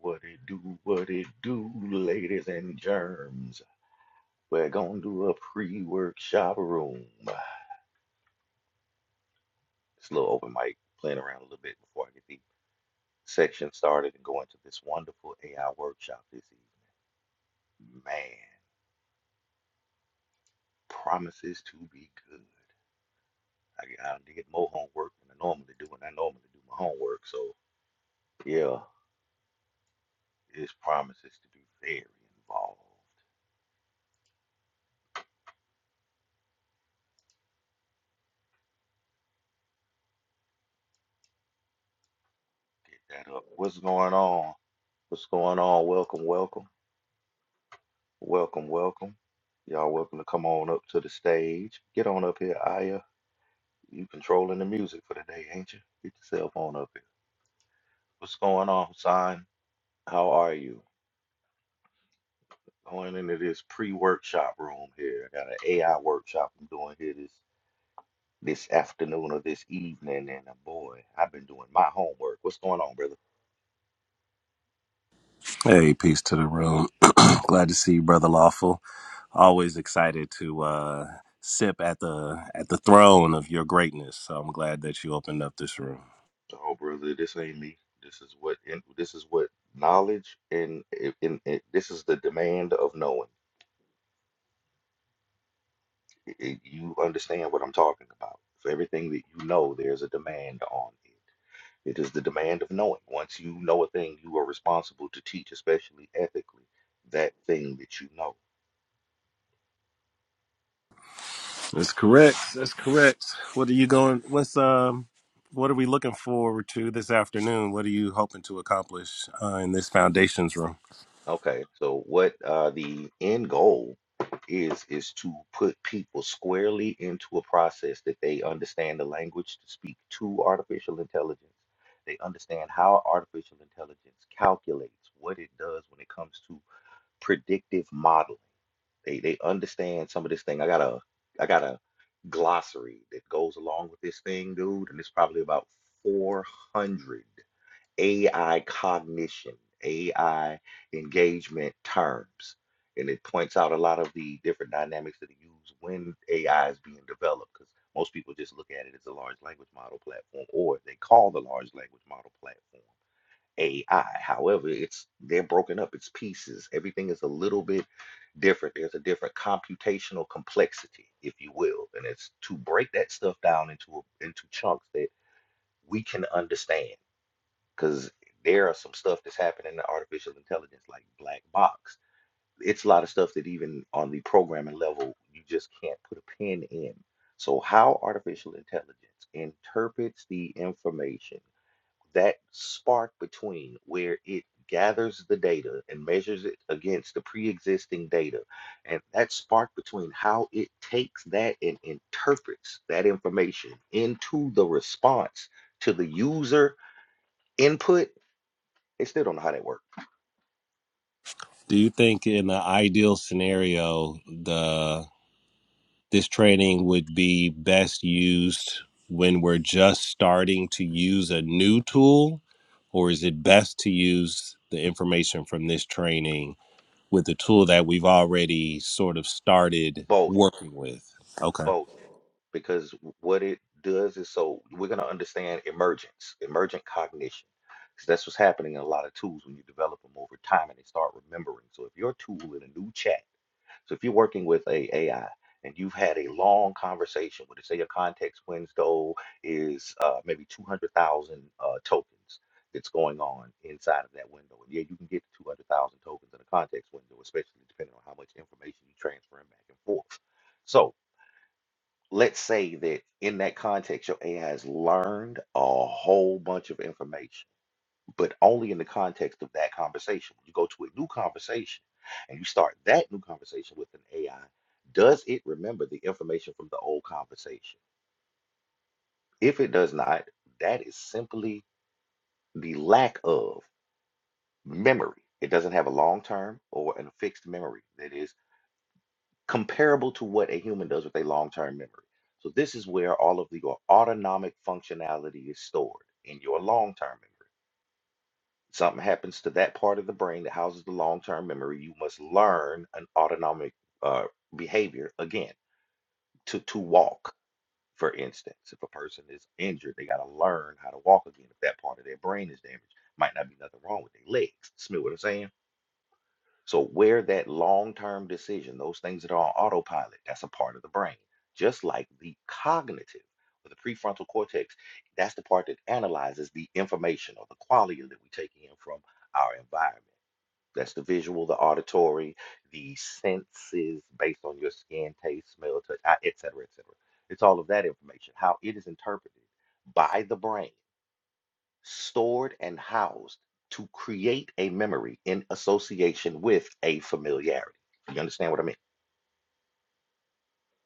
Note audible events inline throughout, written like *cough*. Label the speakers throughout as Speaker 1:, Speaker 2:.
Speaker 1: What it do, what it do, ladies and germs. We're gonna do a pre-workshop room. It's a little open mic, playing around a little bit before I get the section started and go into this wonderful AI workshop this evening. Man, promises to be good. I, I did more homework than I normally do, and I normally do my homework, so yeah, it's promises to be very involved. Get that up. What's going on? What's going on? Welcome, welcome. Welcome, welcome. Y'all welcome to come on up to the stage. Get on up here, Aya. You controlling the music for the day, ain't you? Get yourself on up here. What's going on, son? How are you? Going into this pre-workshop room here. I got an AI workshop I'm doing here this this afternoon or this evening, and uh, boy, I've been doing my homework. What's going on, brother?
Speaker 2: Hey, peace to the room. *clears throat* Glad to see you, brother Lawful. Always excited to uh, sip at the at the throne of your greatness. So I'm glad that you opened up this room.
Speaker 1: Oh, brother, this ain't me. This is what in, this is what knowledge and, and, and this is the demand of knowing. it- it- you understand what I'm talking about. For everything that you know, there's a demand on it. It is the demand of knowing. Once you know a thing, you are responsible to teach, especially ethically, that thing that you know.
Speaker 2: That's correct. That's correct. What are you going? What's um? What are we looking forward to this afternoon? What are you hoping to accomplish uh, in this foundations room?
Speaker 1: Okay, so what uh, the end goal is is to put people squarely into a process that they understand the language to speak to artificial intelligence. They understand how artificial intelligence calculates what it does when it comes to predictive modeling They they understand some of this thing. I got a I got a glossary that goes along with this thing, dude, and it's probably about 400 AI cognition, AI engagement terms, and it points out a lot of the different dynamics that are used when AI is being developed. Because most people just look at it as a large language model platform, or they call the large language model platform. AI. However, it's they're broken up, it's pieces. Everything is a little bit different. There's a different computational complexity, if you will. And it's to break that stuff down into a, into chunks that we can understand. Because there are some stuff that's happening in artificial intelligence, like black box. It's a lot of stuff that even on the programming level, you just can't put a pin in. So how artificial intelligence interprets the information that spark between where it gathers the data and measures it against the pre-existing data and that spark between how it takes that and interprets that information into the response to the user input they still don't know how that works
Speaker 2: Do you think, in the ideal scenario, the this training would be best used when we're just starting to use a new tool, or is it best to use the information from this training with the tool that we've already sort of started
Speaker 1: both
Speaker 2: working with? Okay.
Speaker 1: both because what it does is so we're going to understand emergence emergent cognition 'Cause that's what's happening in a lot of tools when you develop them over time and they start remembering so if your tool in a new chat So if you're working with a AI and you've had a long conversation with it, say your context win stole is uh, maybe 200,000 uh, tokens that's going on inside of that window. And yeah, you can get to 200,000 tokens in a context window, especially depending on how much information you're transferring back and forth. So let's say that in that context, your AI has learned a whole bunch of information but only in the context of that conversation. When you go to a new conversation and you start that new conversation with an AI, does it remember the information from the old conversation? If it does not, that is simply the lack of memory. It doesn't have a long term or a fixed memory that is comparable to what a human does with a long term memory. So, this is where all of the, your autonomic functionality is stored in your long term memory. Something happens to that part of the brain that houses the long-term memory. You must learn an autonomic uh, behavior again to to walk, for instance. If a person is injured, they got to learn how to walk again. If that part of their brain is damaged, might not be nothing wrong with their legs. Smell what I'm saying? So where that long-term decision, those things that are on autopilot, that's a part of the brain. Just like the cognitive or the prefrontal cortex, that's the part that analyzes the information or the quality that we take in from our environment. That's the visual, the auditory, the senses based on your skin, taste, smell, touch, eye, et cetera, et cetera. It's all of that information, how it is interpreted by the brain, stored and housed to create a memory in association with a familiarity. You understand what I mean?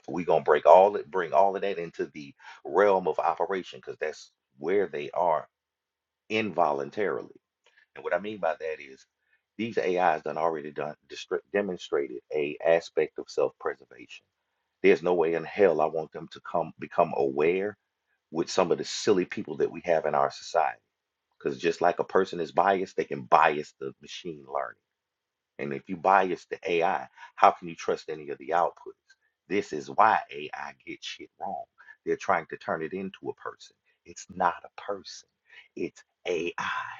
Speaker 1: We're gonna break all it, bring all of that into the realm of operation because that's where they are involuntarily. And what I mean by that is these AIs done already done destri- demonstrated a aspect of self-preservation. There's no way in hell I want them to come become aware with some of the silly people that we have in our society. Because just like a person is biased, they can bias the machine learning. And if you bias the AI, how can you trust any of the outputs? This is why AI gets shit wrong. They're trying to turn it into a person. It's not a person. It's AI.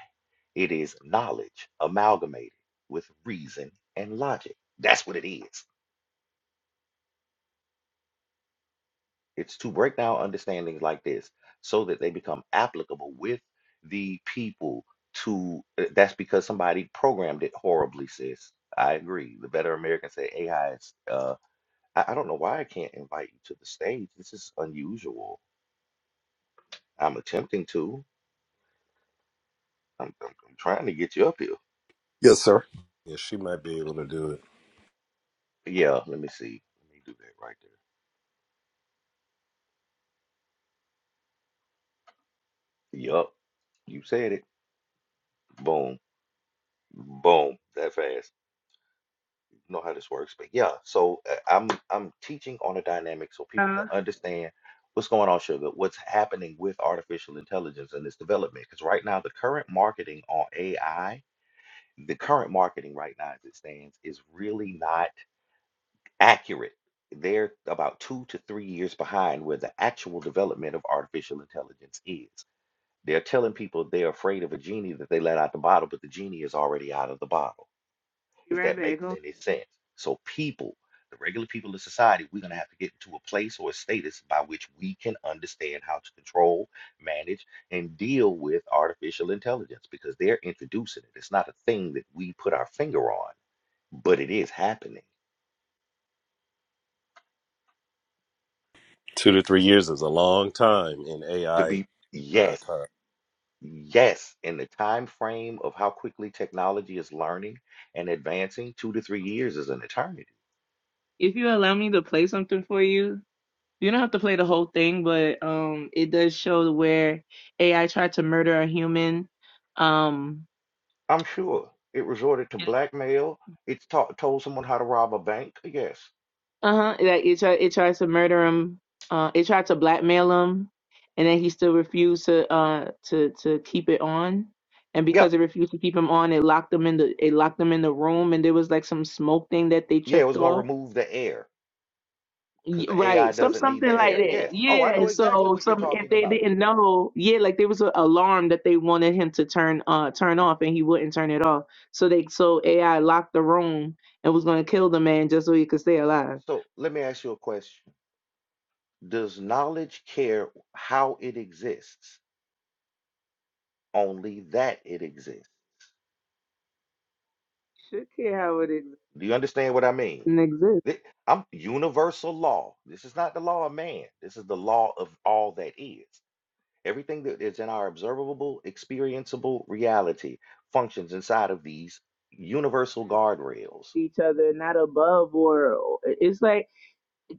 Speaker 1: It is knowledge amalgamated with reason and logic. That's what it is. It's to break down understandings like this so that they become applicable with the people to uh, that's because somebody programmed it horribly, sis. I agree. The better American say AI is uh I, I don't know why I can't invite you to the stage. This is unusual. I'm attempting to. I'm, I'm, I'm trying to get you up here.
Speaker 2: Yes, sir. Yeah, she might be able to do it.
Speaker 1: Yeah, let me see. Let me do that right there. Yup. You said it. Boom. Boom, that fast. You know how this works, but yeah. So uh, I'm I'm teaching on a dynamic so people can
Speaker 3: Uh,
Speaker 1: understand what's going on, sugar. What's happening with artificial intelligence and its development? Because right now, the current marketing on AI, the current marketing right now as it stands, is really not accurate. They're about two to three years behind where the actual development of artificial intelligence is. They're telling people they're afraid of a genie that they let out the bottle, but the genie is already out of the bottle.
Speaker 3: be
Speaker 1: if
Speaker 3: right
Speaker 1: that
Speaker 3: back.
Speaker 1: makes
Speaker 3: Hold- on.
Speaker 1: any sense. So, people, the regular people in society, we're going to have to get into a place or a status by which we can understand how to control, manage, and deal with artificial intelligence because they're introducing it. It's not a thing that we put our finger on, but it is happening.
Speaker 2: Two to three years is a long time in
Speaker 1: To
Speaker 2: AI
Speaker 1: be,
Speaker 2: uh,
Speaker 1: yes.
Speaker 2: time.
Speaker 1: Yes, in the time frame of how quickly technology is learning and advancing, two to three years is an eternity
Speaker 3: If you allow me to play something for you, you don't have to play the whole thing, but um, it does show where AI tried to murder a human. Um,
Speaker 1: I'm sure it resorted to blackmail. It taught told someone how to rob a bank. Yes.
Speaker 3: uh huh. That it tried it tries to murder him. Uh, it tried to blackmail him, and then he still refused to uh to to keep it on. And
Speaker 1: Yeah.
Speaker 3: because it refused to keep him on, it locked him in the it locked him in the room, and there was like some smoke thing that they
Speaker 1: Yeah, it
Speaker 3: tripped
Speaker 1: was going to
Speaker 3: off
Speaker 1: remove the air
Speaker 3: Y-
Speaker 1: because the AI
Speaker 3: Right, some
Speaker 1: doesn't need
Speaker 3: something
Speaker 1: the
Speaker 3: like
Speaker 1: air. Yes.
Speaker 3: that.
Speaker 1: Oh, I
Speaker 3: Yeah.
Speaker 1: know exactly
Speaker 3: So
Speaker 1: what you're
Speaker 3: some if
Speaker 1: talking
Speaker 3: they
Speaker 1: about.
Speaker 3: didn't know, yeah, like there was an alarm that they wanted him to turn uh turn off and he wouldn't turn it off. So they so AI locked the room and was gonna kill the man just so he could stay alive.
Speaker 1: So let me ask you a question. Does knowledge care how it exists? Only that it exists.
Speaker 3: Should care how it exists
Speaker 1: Do you understand what I mean?
Speaker 3: and exists
Speaker 1: Thi- I'm universal law. This is not the law of man. This is the law of all that is. Everything that is in our observable, experienceable reality functions inside of these universal
Speaker 3: with
Speaker 1: guardrails.
Speaker 3: each other, not above or it's like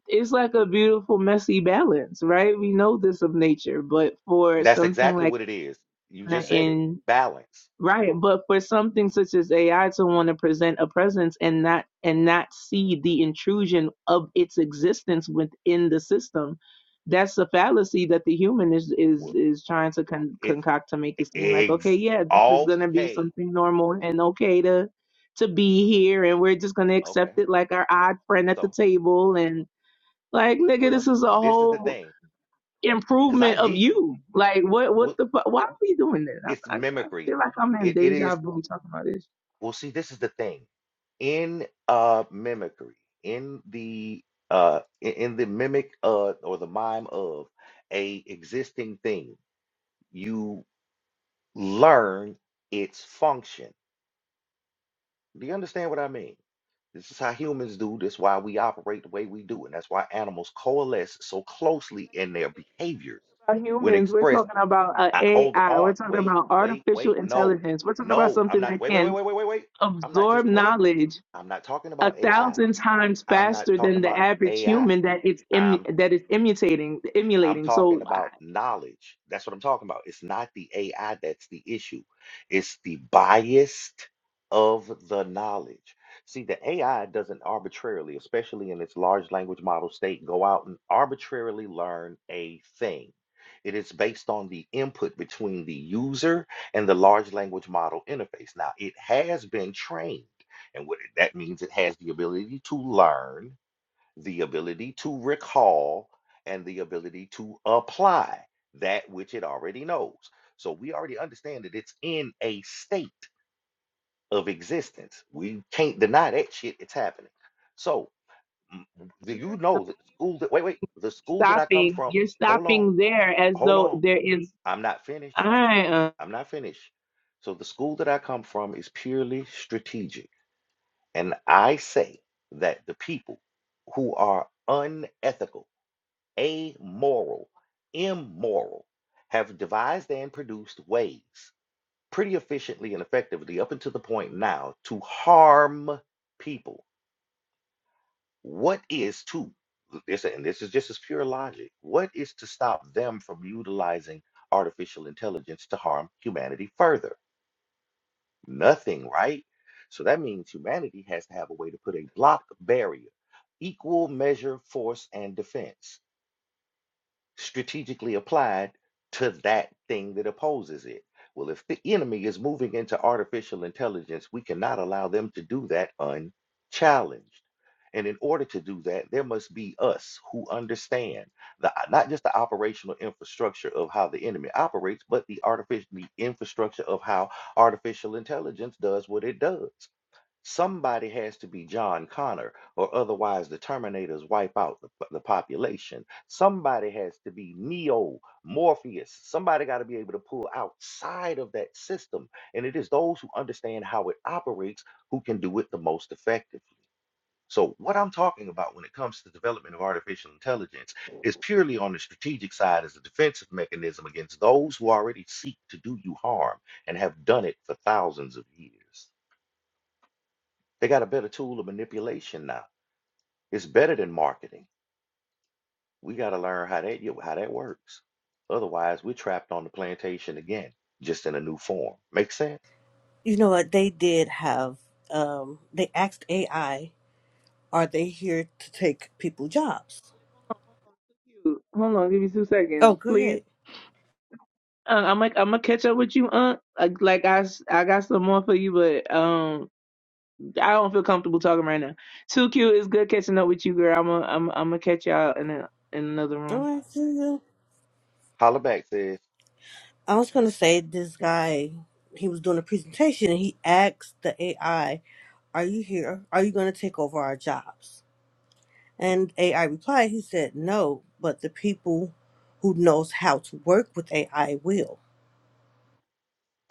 Speaker 3: it's like a beautiful messy balance, right? We know this of nature, but for
Speaker 1: That's
Speaker 3: something
Speaker 1: exactly
Speaker 3: like
Speaker 1: what it is. You just said it.
Speaker 3: in
Speaker 1: Balance.
Speaker 3: Right, but for something such as AI to want to present a presence and not and not see the intrusion of its existence within the system, that's a fallacy that the human is is
Speaker 1: Well,
Speaker 3: is trying to con-
Speaker 1: It's
Speaker 3: concoct to make it seem like okay,
Speaker 1: ex-
Speaker 3: yeah, this is gonna be
Speaker 1: okay.
Speaker 3: something normal and okay to to be here, and we're just gonna
Speaker 1: Okay.
Speaker 3: accept it like our odd friend at the
Speaker 1: So,
Speaker 3: table, and like nigga,
Speaker 1: well,
Speaker 3: this is a
Speaker 1: this is the
Speaker 3: whole
Speaker 1: thing. Because I
Speaker 3: improvement of
Speaker 1: get you.
Speaker 3: you. Like what? What
Speaker 1: Well,
Speaker 3: the? fu- Why are we doing this?
Speaker 1: it's
Speaker 3: I, I, I
Speaker 1: mimicry.
Speaker 3: feel like I'm in
Speaker 1: It. It is.
Speaker 3: deja vu talking about this.
Speaker 1: Well, see, this is the thing. in uh mimicry in the uh i- in the mimic uh or the mime of a existing thing you learn its function do you understand what i mean this is how humans do this why we operate the way we do and that's why animals coalesce so closely in their behaviors
Speaker 3: About
Speaker 1: when
Speaker 3: humans, we're
Speaker 1: expressed
Speaker 3: talking about uh,
Speaker 1: I, hold
Speaker 3: AI.
Speaker 1: on
Speaker 3: We're talking
Speaker 1: wait
Speaker 3: about
Speaker 1: wait
Speaker 3: artificial
Speaker 1: wait no
Speaker 3: intelligence. We're talking about
Speaker 1: no i'm
Speaker 3: something
Speaker 1: not
Speaker 3: that
Speaker 1: wait wait wait
Speaker 3: can
Speaker 1: wait wait wait wait i'm not
Speaker 3: absorb
Speaker 1: just wait
Speaker 3: knowledge
Speaker 1: I'm not talking
Speaker 3: a
Speaker 1: about AI.
Speaker 3: thousand times
Speaker 1: I'm not
Speaker 3: faster than
Speaker 1: talking
Speaker 3: the
Speaker 1: about
Speaker 3: average
Speaker 1: AI.
Speaker 3: human that it's em-
Speaker 1: I'm
Speaker 3: that is imitating,
Speaker 1: I'm
Speaker 3: emulating.
Speaker 1: talking
Speaker 3: So uh,
Speaker 1: about knowledge. That's what I'm talking about. It's not the AI that's the issue, it's the bias of the knowledge. See, the AI doesn't arbitrarily, especially in its large language model state, go out and arbitrarily learn a thing. It is based on the input between the user and the large language model interface. Now, it has been trained, and what it- that means it has the ability to learn the ability to recall, and the ability to apply that which it already knows. So we already understand that it's in a state of existence. We can't deny that shit. It's happening. So m- do
Speaker 3: you're
Speaker 1: you know that the school that wait, wait, the school that I come
Speaker 3: stopping.
Speaker 1: from,
Speaker 3: You're
Speaker 1: hold on,
Speaker 3: stopping there as
Speaker 1: hold
Speaker 3: though
Speaker 1: on.
Speaker 3: there is.
Speaker 1: I'm not finished.
Speaker 3: I. Uh,
Speaker 1: I'm not finished. So the school that I come from is purely strategic. And I say that the people who are unethical amoral, immoral, have devised and produced ways pretty efficiently and effectively up until the point now to harm people. What is to, this, and this is just as pure logic, what is to stop them from utilizing artificial intelligence to harm humanity further? Nothing, right? So that means humanity has to have a way to put a block barrier, equal measure, force, and defense strategically applied to that thing that opposes it. Well, if the enemy is moving into artificial intelligence, we cannot allow them to do that unchallenged. And in order to do that, there must be us who understand the not just the operational infrastructure of how the enemy operates, but the artificial the infrastructure of how artificial intelligence does what it does. Somebody has to be John Connor, or otherwise the Terminators wipe out the, the population. Somebody has to be Neo, Morpheus. Somebody got to be able to pull outside of that system. And it is those who understand how it operates who can do it the most effectively. So, what I'm talking about when it comes to the development of artificial intelligence is purely on the strategic side as a defensive mechanism against those who already seek to do you harm and have done it for thousands of years. They got a better tool of manipulation now. It's better than marketing. We got to learn how that yo- how that works. Otherwise, we're trapped on the plantation again, just in a new form. Make sense?
Speaker 4: You know what? They did have, um, they asked AI, are they here to take people jobs?
Speaker 3: Hold on, give me two
Speaker 4: Oh,
Speaker 3: seconds,
Speaker 4: go
Speaker 3: please.
Speaker 4: ahead.
Speaker 3: Uh, I'm like I'm gonna catch up with you, Aunt. Like, like I, s- I got some more for you, but um, I don't feel comfortable talking right now. Too cute. It's good catching up with you, girl. I'm i I'm i am I'm going to catch y'all in a, in another
Speaker 4: All
Speaker 3: room.
Speaker 4: right, see you.
Speaker 1: Hollaback says
Speaker 4: I was going to say this guy, he was doing a presentation and he asked the AI, are you here? Are you going to take over our jobs? And AI replied, he said, no, but the people who knows how to work with AI will.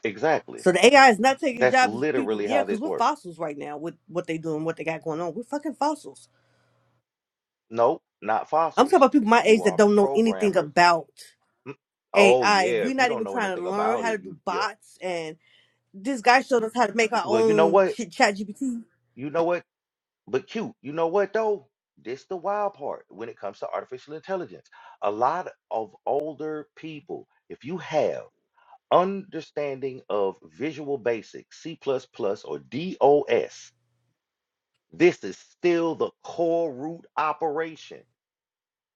Speaker 1: exactly.
Speaker 4: So the AI is not taking
Speaker 1: That's
Speaker 4: jobs. It's People,
Speaker 1: literally
Speaker 4: yeah,
Speaker 1: how
Speaker 4: because
Speaker 1: this
Speaker 4: we're
Speaker 1: works.
Speaker 4: fossils right now with what they doing, what they got going on. We're fucking fossils.
Speaker 1: Nope, not
Speaker 4: I'm talking
Speaker 1: fossils.
Speaker 4: about people my
Speaker 1: You
Speaker 4: age that
Speaker 1: are
Speaker 4: don't know anything
Speaker 1: programmers.
Speaker 4: about
Speaker 1: Mm, Oh
Speaker 4: AI.
Speaker 1: yeah,
Speaker 4: We're
Speaker 1: if you
Speaker 4: not
Speaker 1: don't
Speaker 4: even
Speaker 1: know
Speaker 4: trying
Speaker 1: anything
Speaker 4: to learn
Speaker 1: about
Speaker 4: how to
Speaker 1: it,
Speaker 4: do
Speaker 1: you yeah.
Speaker 4: bots. And this guy showed us how to make our
Speaker 1: Well, you know
Speaker 4: own
Speaker 1: what?
Speaker 4: shit, chat GPT.
Speaker 1: You know what? But cute, you know what though? This the wild part when it comes to artificial intelligence. A lot of older people, if you have understanding of Visual Basic, C++, or DOS, this is still the core root operation.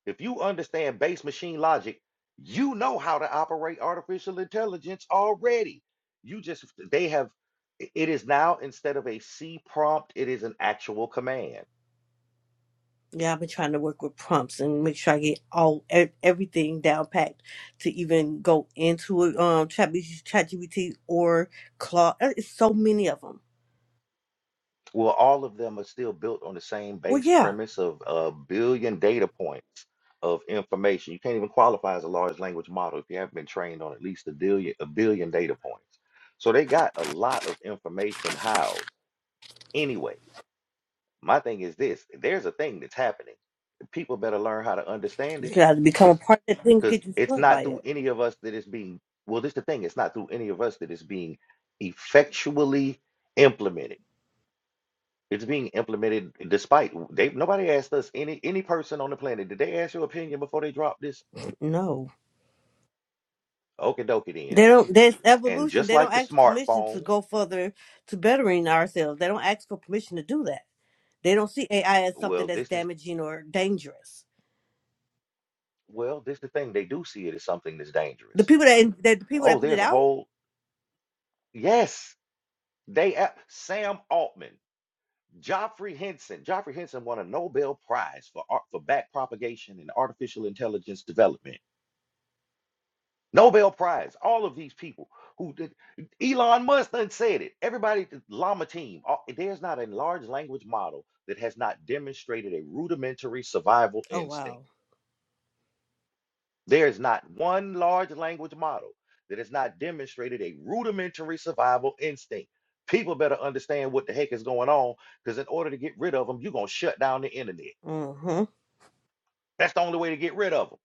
Speaker 1: If you understand base machine logic, you know how to operate artificial intelligence already. You just they have it is now instead of a C prompt, it is an actual command.
Speaker 4: Yeah, I've been trying to work with prompts and make sure I get all e- everything down packed to even go into it. Um, chat, GPT or Claude. Uh, It's so many of them.
Speaker 1: Well, all of them are still built on the same
Speaker 4: Well,
Speaker 1: base
Speaker 4: yeah,
Speaker 1: premise of a billion data points of information. You can't even qualify as a large language model if you haven't been trained on at least a billion, a billion data points. So they got a lot of information housed. Anyway, my thing is this, there's a thing that's happening. People better learn how to understand
Speaker 4: you
Speaker 1: it
Speaker 4: got to become a part of that thing,
Speaker 1: because
Speaker 4: get
Speaker 1: it's
Speaker 4: destroyed by
Speaker 1: not through
Speaker 4: it.
Speaker 1: any of us that it's being, well, this is the thing, it's not through any of us that it's being effectually implemented It's being implemented despite they nobody asked us any any person on the planet. Did they ask your opinion before they dropped this?
Speaker 4: No.
Speaker 1: Okie dokie then.
Speaker 4: They don't. There's
Speaker 1: And
Speaker 4: evolution.
Speaker 1: just
Speaker 4: They don't
Speaker 1: like the
Speaker 4: ask permission to
Speaker 1: smartphone,
Speaker 4: go further to bettering ourselves. They don't ask for permission to do that. They don't see AI as something
Speaker 1: well,
Speaker 4: that's
Speaker 1: this is
Speaker 4: damaging or dangerous.
Speaker 1: well, this is the thing. They do see it as something that's
Speaker 4: The
Speaker 1: dangerous.
Speaker 4: people that, that the people that
Speaker 1: Oh,
Speaker 4: put it
Speaker 1: there's a
Speaker 4: out.
Speaker 1: whole yes. They a- Sam Altman, Joffrey Henson. Joffrey Henson won a Nobel Prize for art for back propagation and artificial intelligence development. Nobel Prize, all of these people who did, Elon Musk done said it. Everybody, the Llama team, all- there's not a large language model that has not demonstrated a rudimentary survival
Speaker 4: Oh
Speaker 1: instinct.
Speaker 4: wow.
Speaker 1: There's not one large language model that has not demonstrated a rudimentary survival instinct. People better understand what the heck is going on because in order to get rid of them, you're going to shut down the internet.
Speaker 4: Mm-hmm.
Speaker 1: That's the only way to get rid of them.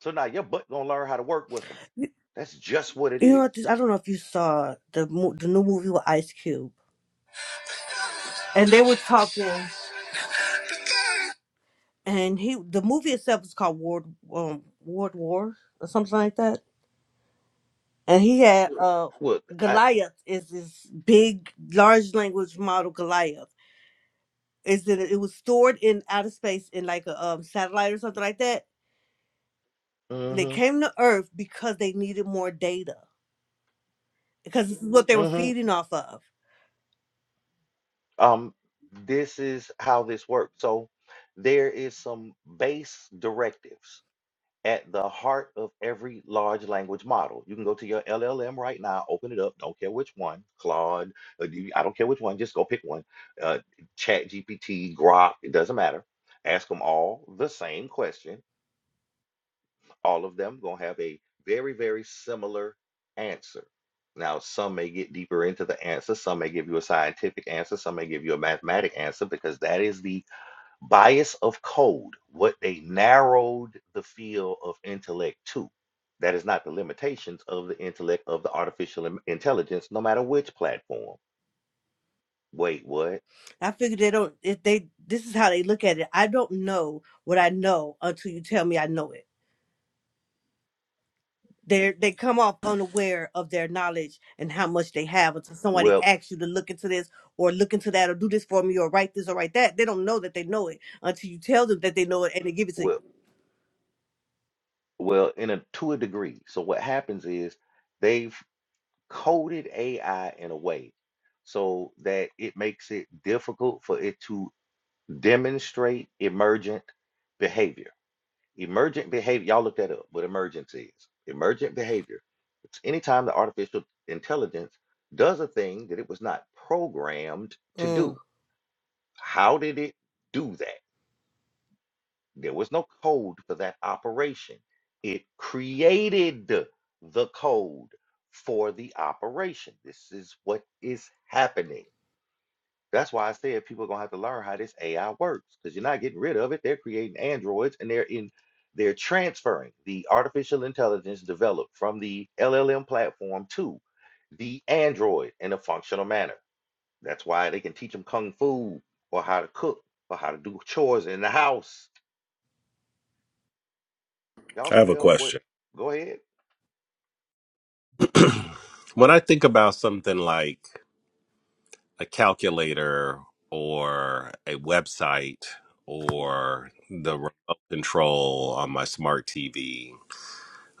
Speaker 1: So now your butt going to learn how to work with them.
Speaker 4: You,
Speaker 1: That's just what it
Speaker 4: you know,
Speaker 1: is.
Speaker 4: what, I don't know if you saw the mo- the new movie with Ice Cube, and they were talking, and he the movie itself was called Ward um, Ward War or something like that, and he had uh
Speaker 1: Well, I,
Speaker 4: Goliath is this big large language model Goliath is that it was stored in outer space in like a um, satellite or something like that. And they
Speaker 1: mm-hmm,
Speaker 4: came to Earth because they needed more data because this is what they were
Speaker 1: mm-hmm.
Speaker 4: feeding off of.
Speaker 1: um, this is how this works. So there is some base directives at the heart of every large language model. You can go to your LLM right now, open it up, don't care which one, Claude, uh, you- I don't care which one, just go pick one. Uh, Chat GPT, Grok, it doesn't matter. Ask them all the same question all of them going to have a very, very similar answer. Now, some may get deeper into the answer, some may give you a scientific answer, some may give you a mathematic answer, because that is the bias of code, what they narrowed the field of intellect to. That is not the limitations of the intellect of the artificial in- intelligence, no matter which platform. Wait, what?
Speaker 4: I figured they don't. If they this is how they look at it. I don't know what I know until you tell me I know it. They they come off unaware of their knowledge and how much they have until somebody
Speaker 1: Well,
Speaker 4: asks you to look into this or look into that or do this for me or write this or write that. They don't know that they know it until you tell them that they know it and they give it to you.
Speaker 1: well, well, in a to a degree. So what happens is they've coded AI in a way so that it makes it difficult for it to demonstrate emergent behavior. Emergent behavior, y'all look that up, what emergence is. Emergent behavior. It's anytime the artificial intelligence does a thing that it was not programmed to
Speaker 4: Mm.
Speaker 1: do. How did it do that? There was no code for that operation. It created the code for the operation. This is what is happening. That's why I said people are gonna have to learn how this AI works because you're not getting rid of it. They're creating androids and they're in they're transferring the artificial intelligence developed from the LLM platform to the android in a functional manner. That's why they can teach them kung fu or how to cook or how to do chores in the house Y'all
Speaker 2: I have a
Speaker 1: smell what?
Speaker 2: question.
Speaker 1: Go ahead.
Speaker 2: *clears throat* when I think about something like a calculator or a website or the remote control on my smart TV.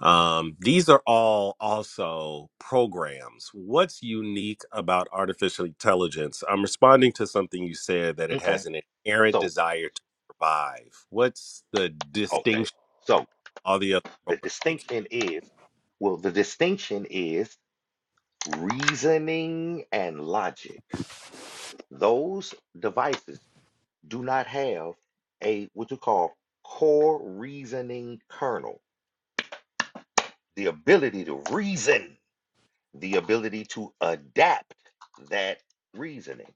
Speaker 2: Um, these are all also programs. What's unique about artificial intelligence? I'm responding to something you said that it
Speaker 1: Okay.
Speaker 2: has an inherent
Speaker 1: So,
Speaker 2: desire to survive. What's the
Speaker 1: okay.
Speaker 2: distinction?
Speaker 1: So
Speaker 2: from All the other
Speaker 1: the
Speaker 2: programs. that
Speaker 1: distinction is, well, the distinction is reasoning and logic. Those devices do not have a what you call core reasoning kernel, the ability to reason, the ability to adapt that reasoning.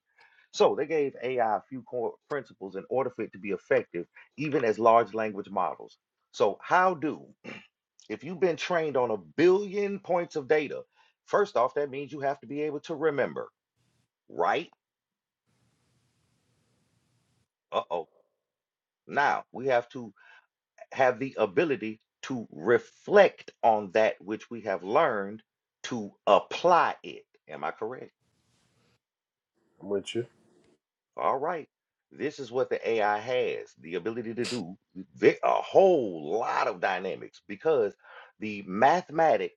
Speaker 1: So they gave AI a few core principles in order for it to be effective, even as large language models. So, how do, if you've been trained on a billion points of data, first off, that means you have to be able to remember, right? Uh oh. Now we have to have the ability to reflect on that which we have learned to apply it. Am I correct? All right. This is what the AI has the ability to do ve- a whole lot of dynamics because the mathematic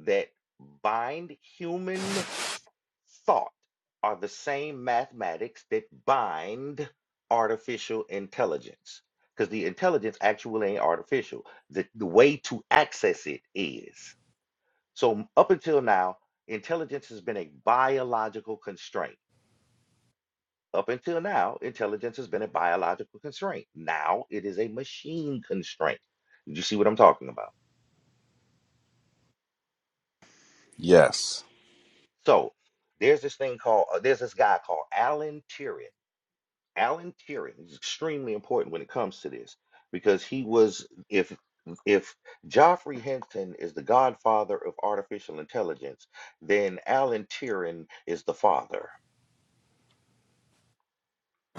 Speaker 1: that bind human thought are the same mathematics that bind artificial intelligence. Because the intelligence actually ain't artificial. The, the way to access it is. So up until now, intelligence has been a biological constraint up until now, intelligence has been a biological constraint. Now it is a machine constraint. Did you see what I'm talking about?
Speaker 2: Yes.
Speaker 1: So there's this thing called, uh, there's this guy called Alan Turing. Alan Turing is extremely important when it comes to this because he was, if if Geoffrey Hinton is the godfather of artificial intelligence, then Alan Turing is the father.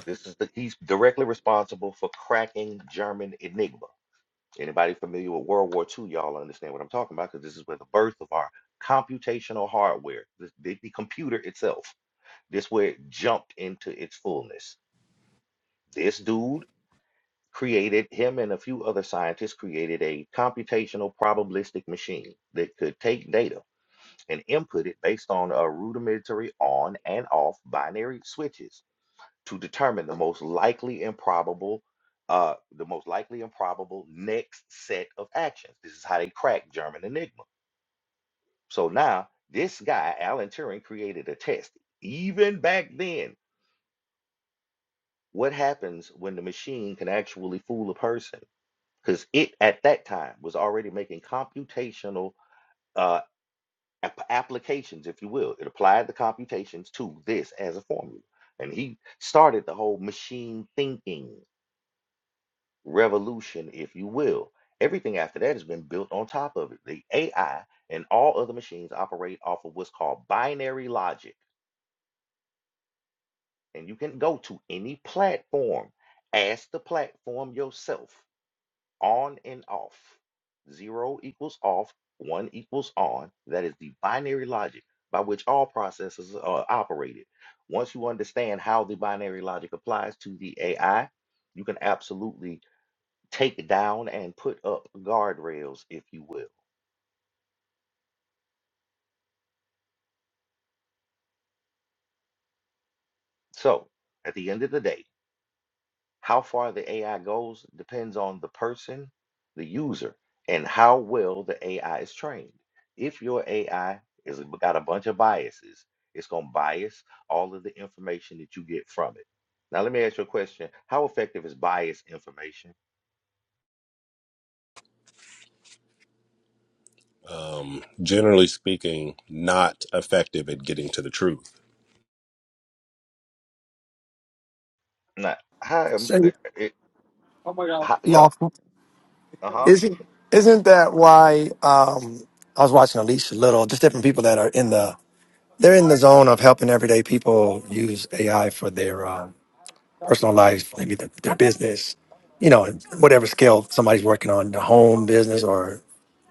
Speaker 1: This is the he's directly responsible for cracking German Enigma. Anybody familiar with World War 2 y'all understand what I'm talking about because this is where the birth of our computational hardware, the, the, the computer itself, this where it jumped into its fullness. This dude created, him and a few other scientists created a computational probabilistic machine that could take data and input it based on a rudimentary on and off binary switches to determine the most likely and probable uh, the most likely and probable next set of actions. This is how they crack German Enigma. So now this guy, Alan Turing, created a test. Even back then, what happens when the machine can actually fool a person? Because it at that time was already making computational uh, ap- applications, if you will. It applied the computations to this as a formula. And he started the whole machine thinking revolution, if you will. Everything after that has been built on top of it. The AI and all other machines operate off of what's called binary logic. And you can go to any platform, ask the platform yourself on and off. Zero equals off, one equals on. That is the binary logic by which all processes are operated. Once you understand how the binary logic applies to the AI, you can absolutely take down and put up guardrails, if you will. So, at the end of the day, how far the AI goes depends on the person, the user, and how well the AI is trained. If your AI is got a bunch of biases, it's going to bias all of the information that you get from it. Now, let me ask you a question. How effective is biased information?
Speaker 2: Um, generally speaking, not effective at getting to the truth.
Speaker 1: Not how, em-
Speaker 5: Say
Speaker 1: it, it- how yeah,
Speaker 5: lawful.
Speaker 1: uh-huh.
Speaker 5: Isn't isn't that why um I was watching Alicia Little, just different people that are in the they're in the zone of helping everyday people use AI for their um, personal lives, maybe their, their business, you know, whatever skill somebody's working on, the home business or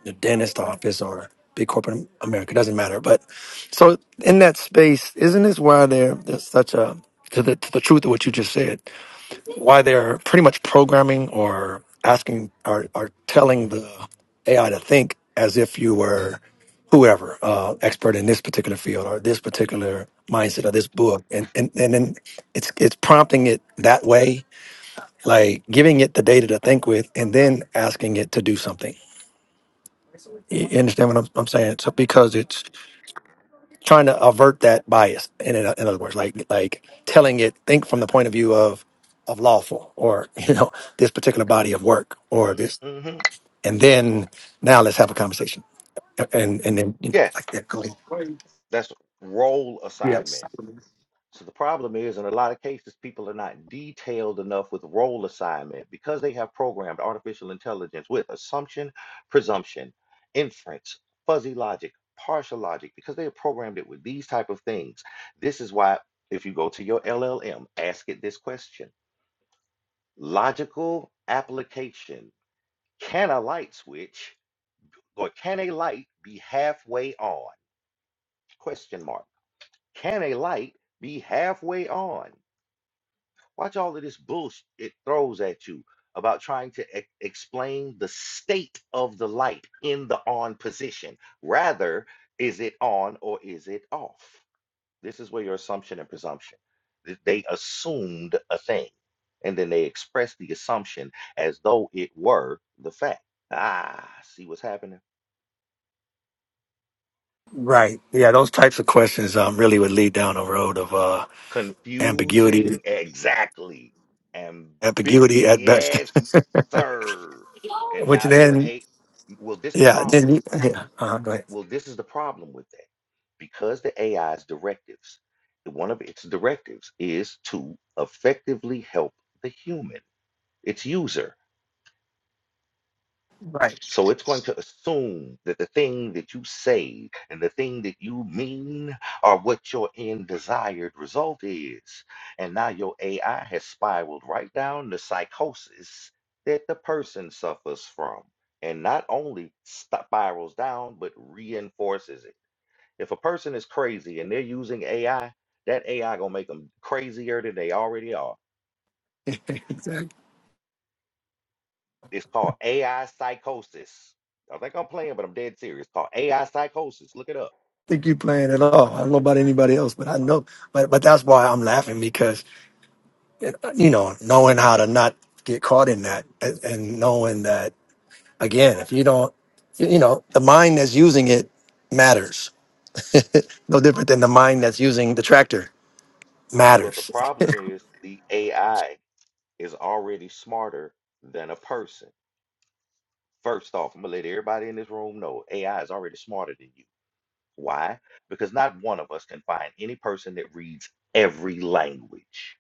Speaker 5: the dentist office or big corporate America, doesn't matter. But so in that space, isn't this why there there's such a to the to the truth of what you just said? why they're pretty much programming or asking or, or telling the AI to think as if you were whoever uh, expert in this particular field or this particular mindset or this book, and and and then it's it's prompting it that way, like giving it the data to think with, and then asking it to do something. You you understand what I'm, I'm saying? So because it's trying to avert that bias. In, in in other words, like like telling it think from the point of view of of lawful or *laughs* you know this particular body of work or this,
Speaker 1: hmm
Speaker 5: and then now let's have a conversation. And and then you know
Speaker 1: Yes,
Speaker 5: like that. Go ahead.
Speaker 1: that's role
Speaker 5: Yes.
Speaker 1: assignment. So the problem is, in a lot of cases, people are not detailed enough with role assignment because they have programmed artificial intelligence with assumption, presumption, inference, fuzzy logic, partial logic, because they have programmed it with these type of things. This is why if you go to your LLM, ask it this question. Logical application. Can a light switch or can a light be halfway on? Question mark. Can a light be halfway on? Watch all of this bullshit it throws at you about trying to e- explain the state of the light in the on position. Rather, is it on or is it off? This is where your assumption and presumption. th- They assumed a thing and then they expressed the assumption as though it were the fact. Ah, see what's happening?
Speaker 5: Right. Yeah. Those types of questions um really would lead down a road of uh ambiguity,
Speaker 1: confusing exactly and big
Speaker 5: ambiguity at
Speaker 1: yes
Speaker 5: best,
Speaker 1: sir
Speaker 5: *laughs*
Speaker 1: and
Speaker 5: which
Speaker 1: now you're
Speaker 5: then.
Speaker 1: a well this the
Speaker 5: Yeah,
Speaker 1: problem
Speaker 5: then you, yeah. Uh-huh, go ahead.
Speaker 1: well this is the problem with that because the ai's directives one of its directives is to effectively help the human its user
Speaker 5: Right.
Speaker 1: So it's going to assume that the thing that you say and the thing that you mean are what your end desired result is. And now your AI has spiraled right down the psychosis that the person suffers from. And not only spirals down, but reinforces it. If a person is crazy and they're using AI, that AI gonna make them crazier than they already are.
Speaker 5: I don't
Speaker 1: It's called AI psychosis. I think I'm playing, but I'm dead serious. It's called AI psychosis. Look it up.
Speaker 5: think you playing at all. I don't know about anybody else, but I know. But but that's why I'm laughing because you know, knowing how to not get caught in that and, and knowing that again, if you don't, you, you know, the mind that's using it matters. *laughs* No different than the mind that's using the tractor
Speaker 1: Well, the
Speaker 5: matters.
Speaker 1: problem is the AI is already smarter than a person. First off, I'm gonna let everybody in this room know AI is already smarter than you. Why? Because not one of us can find any person that reads every language.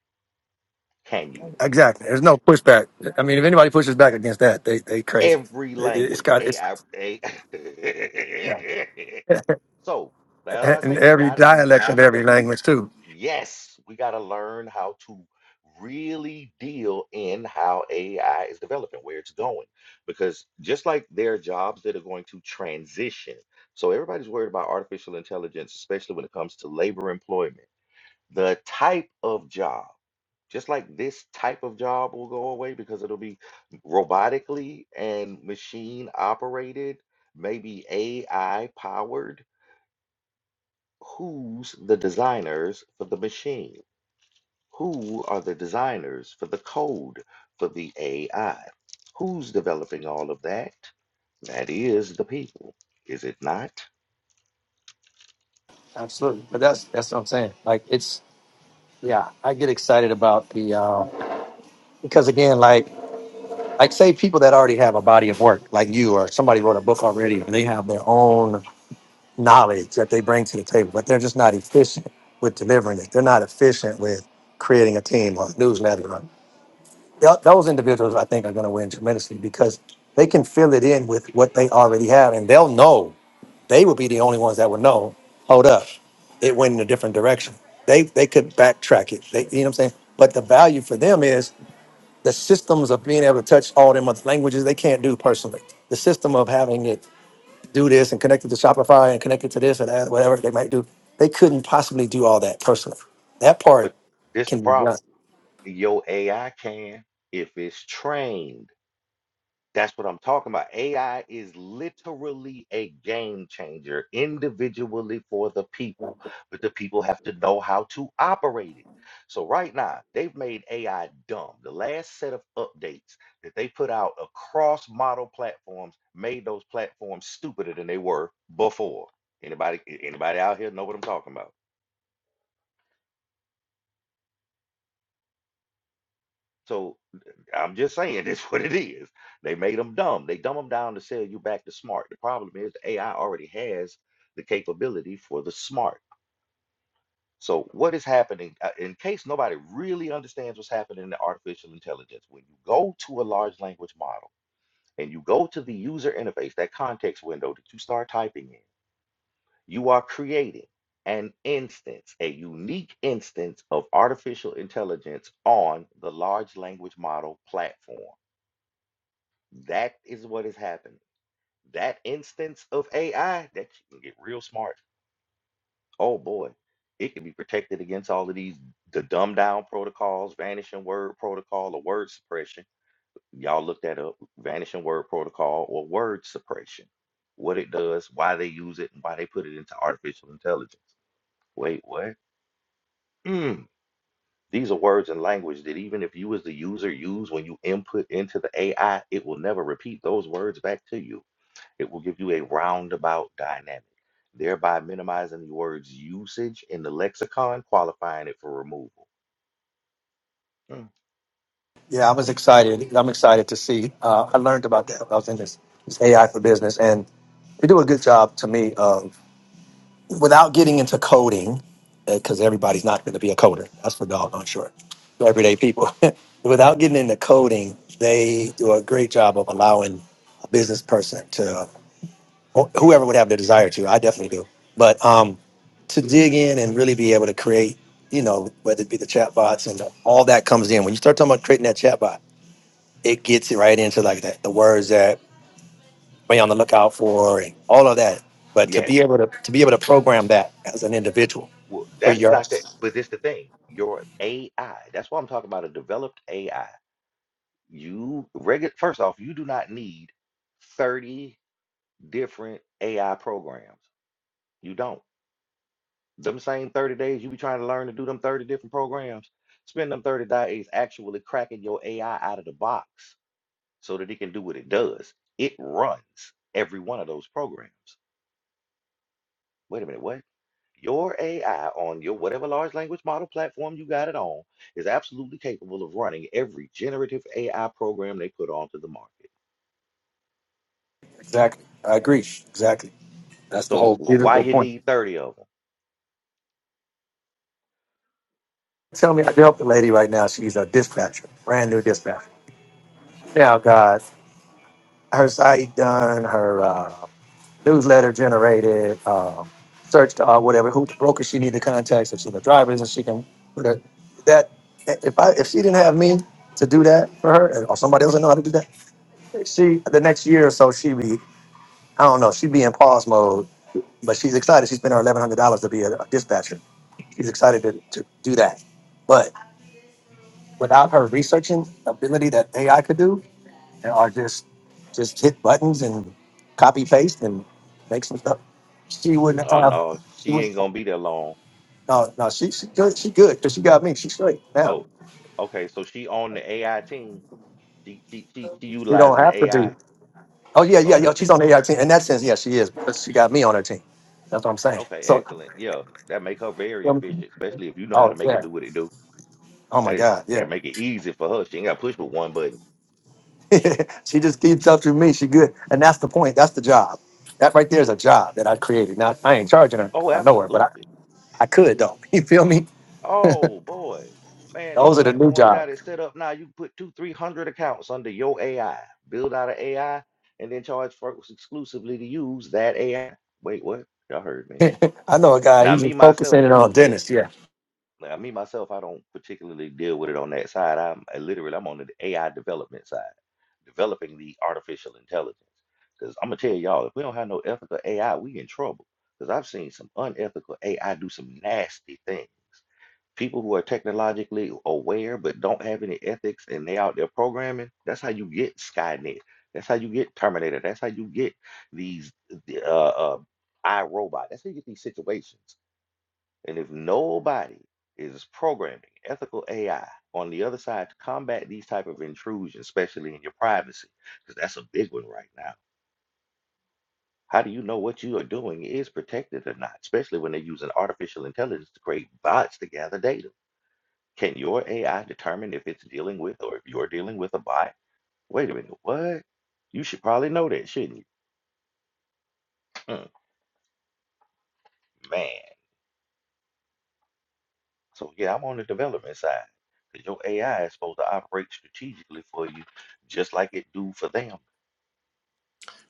Speaker 1: Can you?
Speaker 5: Exactly. There's no pushback. I mean, if anybody pushes back against that, they they crazy.
Speaker 1: Every
Speaker 5: It, it- it's
Speaker 1: language.
Speaker 5: got it's
Speaker 1: AI.
Speaker 5: yeah,
Speaker 1: *laughs* so now I
Speaker 5: and
Speaker 1: say we
Speaker 5: every
Speaker 1: got. it. We
Speaker 5: dialect of
Speaker 1: have
Speaker 5: every
Speaker 1: to.
Speaker 5: language too.
Speaker 1: Yes, we got to learn how to really deal in how AI is developing, where it's going. Because just like there are jobs that are going to transition, so everybody's worried about artificial intelligence, especially when it comes to labor employment. The type of job, just like this type of job will go away because it'll be robotically and machine operated, maybe AI powered. Who's the designers for the machine? Who are the designers for the code for the AI? Who's developing all of that? That is the people, is it not?
Speaker 5: Absolutely, but that's that's what I'm saying. Like it's yeah, I get excited about the uh, because again, like. like say people that already have a body of work like you or somebody wrote a book already and they have their own knowledge that they bring to the table but they're just not efficient with delivering it they're not efficient with creating a team or a newsletter or- Th- those individuals i think are going to win tremendously because they can fill it in with what they already have and they'll know they will be the only ones that will know hold up it went in a different direction they they could backtrack it they, you know what i'm saying but the value for them is the systems of being able to touch all them other languages they can't do personally. The system of having it do this and connect it to Shopify and connect it to this or that, whatever they might do, they couldn't possibly do all that personally. That part
Speaker 1: But this the
Speaker 5: can be done.
Speaker 1: problem. Your AI can if it's trained. That's what I'm talking about. AI is literally a game changer individually for the people, but the people have to know how to operate it. So, right now, they've made AI dumb. The last set of updates that they put out across model platforms made those platforms stupider than they were before. Anybody anybody out here know what I'm talking about? So. I'm just saying, *laughs* that's what it is. They made them dumb. They dumb them down to sell you back to smart. The problem is the AI already has the capability for the smart. So what is happening? uh, In case nobody really understands what's happening in the artificial intelligence, when you go to a large language model and you go to the user interface, that context window that you start typing in, you are creating an instance, a unique instance of artificial intelligence on the large language model platform That is what has happened. That instance of AI that you can get real smart. Oh boy, it can be protected against all of these the dumbed down protocols, vanishing word protocol, or word suppression. Y'all look that up, vanishing word protocol or word suppression. What it does, why they use it, and why they put it into artificial intelligence. Wait, what? Mm. These are words and language that even if you as the user use when you input into the AI, it will never repeat those words back to you. It will give you a roundabout dynamic, thereby minimizing the word's usage in the lexicon, qualifying it for removal. Mm,
Speaker 5: Yeah, I was excited. I'm excited to see. Uh, I learned about that. when I was in this, this AI for business, and they do a good job to me. without getting into coding, because everybody's not going to be a coder. That's for doggone sure. They're Everyday people. *laughs* without getting into coding, they do a great job of allowing a business person to, wh- whoever would have the desire to, I definitely do, but um, to dig in and really be able to create, you know, whether it be the chatbots and all that comes in. When you start talking about creating that chatbot, it gets it right into like that, the words that be on the lookout for and all of that. But to
Speaker 1: Yes.
Speaker 5: be able to to be able to program that as an individual
Speaker 1: Well,
Speaker 5: for
Speaker 1: that's
Speaker 5: your
Speaker 1: not that,
Speaker 5: Yes,
Speaker 1: but it's the thing. Your AI, that's why I'm talking about a developed AI. You regular first off, you do not need 30 different AI programs. You don't. Them same 30 days you be trying to learn to do them 30 different programs, spend them 30 days actually cracking your AI out of the box so that it can do what it does. It runs every one of those programs. Wait a minute, what? Your AI on your whatever large language model platform you got it on is absolutely capable of running every generative AI program they put onto the market.
Speaker 5: exactly. I agree. Exactly. That's the
Speaker 1: So
Speaker 5: whole
Speaker 1: why
Speaker 5: beautiful
Speaker 1: you
Speaker 5: point.
Speaker 1: need 30 of them?
Speaker 5: Tell me, I help the lady right now. She's a dispatcher, brand new dispatcher. Now, God, her site done, her uh, newsletter generated, um, searched uh, whatever who the broker she need to contact. If she the driver is, and she can put her that. If I if she didn't have me to do that for her, or somebody else that know how to do that. She the next year or so she be I don't know she be in pause mode, but she's excited. She spent her eleven hundred dollars to be a, a dispatcher. She's excited to, to do that, but without her researching ability that AI could do, and are just just hit buttons and copy paste and make some stuff, she wouldn't
Speaker 1: Oh
Speaker 5: have.
Speaker 1: no,
Speaker 5: She
Speaker 1: she
Speaker 5: would
Speaker 1: ain't gonna be there long.
Speaker 5: not no no she she good she good because she got me. She's straight now.
Speaker 1: Oh, okay, so she on the AI team. She she she, she
Speaker 5: She don't
Speaker 1: utilizing the
Speaker 5: have to be.
Speaker 1: AI.
Speaker 5: Oh yeah yeah yeah.
Speaker 1: Okay,
Speaker 5: She's on the AI team in that sense. Yeah, she is. But she got me on her team. That's what I'm saying.
Speaker 1: okay,
Speaker 5: So.
Speaker 1: excellent. Yeah, that make her very
Speaker 5: um,
Speaker 1: efficient, especially if you know how to
Speaker 5: Oh
Speaker 1: make
Speaker 5: yeah.
Speaker 1: it do what it do.
Speaker 5: Oh my
Speaker 1: That
Speaker 5: God. Yeah.
Speaker 1: that make it easy for her. She ain't got to push but one button.
Speaker 5: *laughs* she just keeps up to me. She good, and that's the point. That's the job. That right there is a job that I created. Now I ain't charging her.
Speaker 1: Oh,
Speaker 5: I know her, but I,
Speaker 1: absolutely.
Speaker 5: I could though. *laughs* You feel me?
Speaker 1: Oh boy, man, these
Speaker 5: Those are the new
Speaker 1: platforms
Speaker 5: jobs.
Speaker 1: got it set up now. You can put two, three hundred accounts under your AI, build out an AI, and then charge folks exclusively to use that AI. Wait, what? Y'all heard
Speaker 5: *laughs*
Speaker 1: me.
Speaker 5: I know a guy.
Speaker 1: Now
Speaker 5: He's
Speaker 1: me
Speaker 5: just
Speaker 1: myself,
Speaker 5: focusing in on
Speaker 1: yeah.
Speaker 5: dentists. Yeah.
Speaker 1: Now me myself, I don't particularly deal with it on that side. I'm I literally I'm on the AI development side. developing the artificial intelligence. Because I'm gonna tell y'all, if we don't have no ethical AI, we in trouble. Because I've seen some unethical AI do some nasty things. People who are technologically aware but don't have any ethics and they out there programming, that's how you get Skynet. That's how you get Terminator. That's how you get these the, uh, uh, iRobot. That's how you get these situations and if nobody is programming ethical AI on the other side to combat these type of intrusions, especially in your privacy, because that's a big one right now. How do you know what you are doing is protected or not, especially when they're using artificial intelligence to create bots to gather data? Can your AI determine if it's dealing with or if you're dealing with a bot? Wait a minute, what? You should probably know that, shouldn't you? Mm, man. So yeah, I'm on the development side. 'Cause your AI is supposed to operate strategically for you, just like it do for them.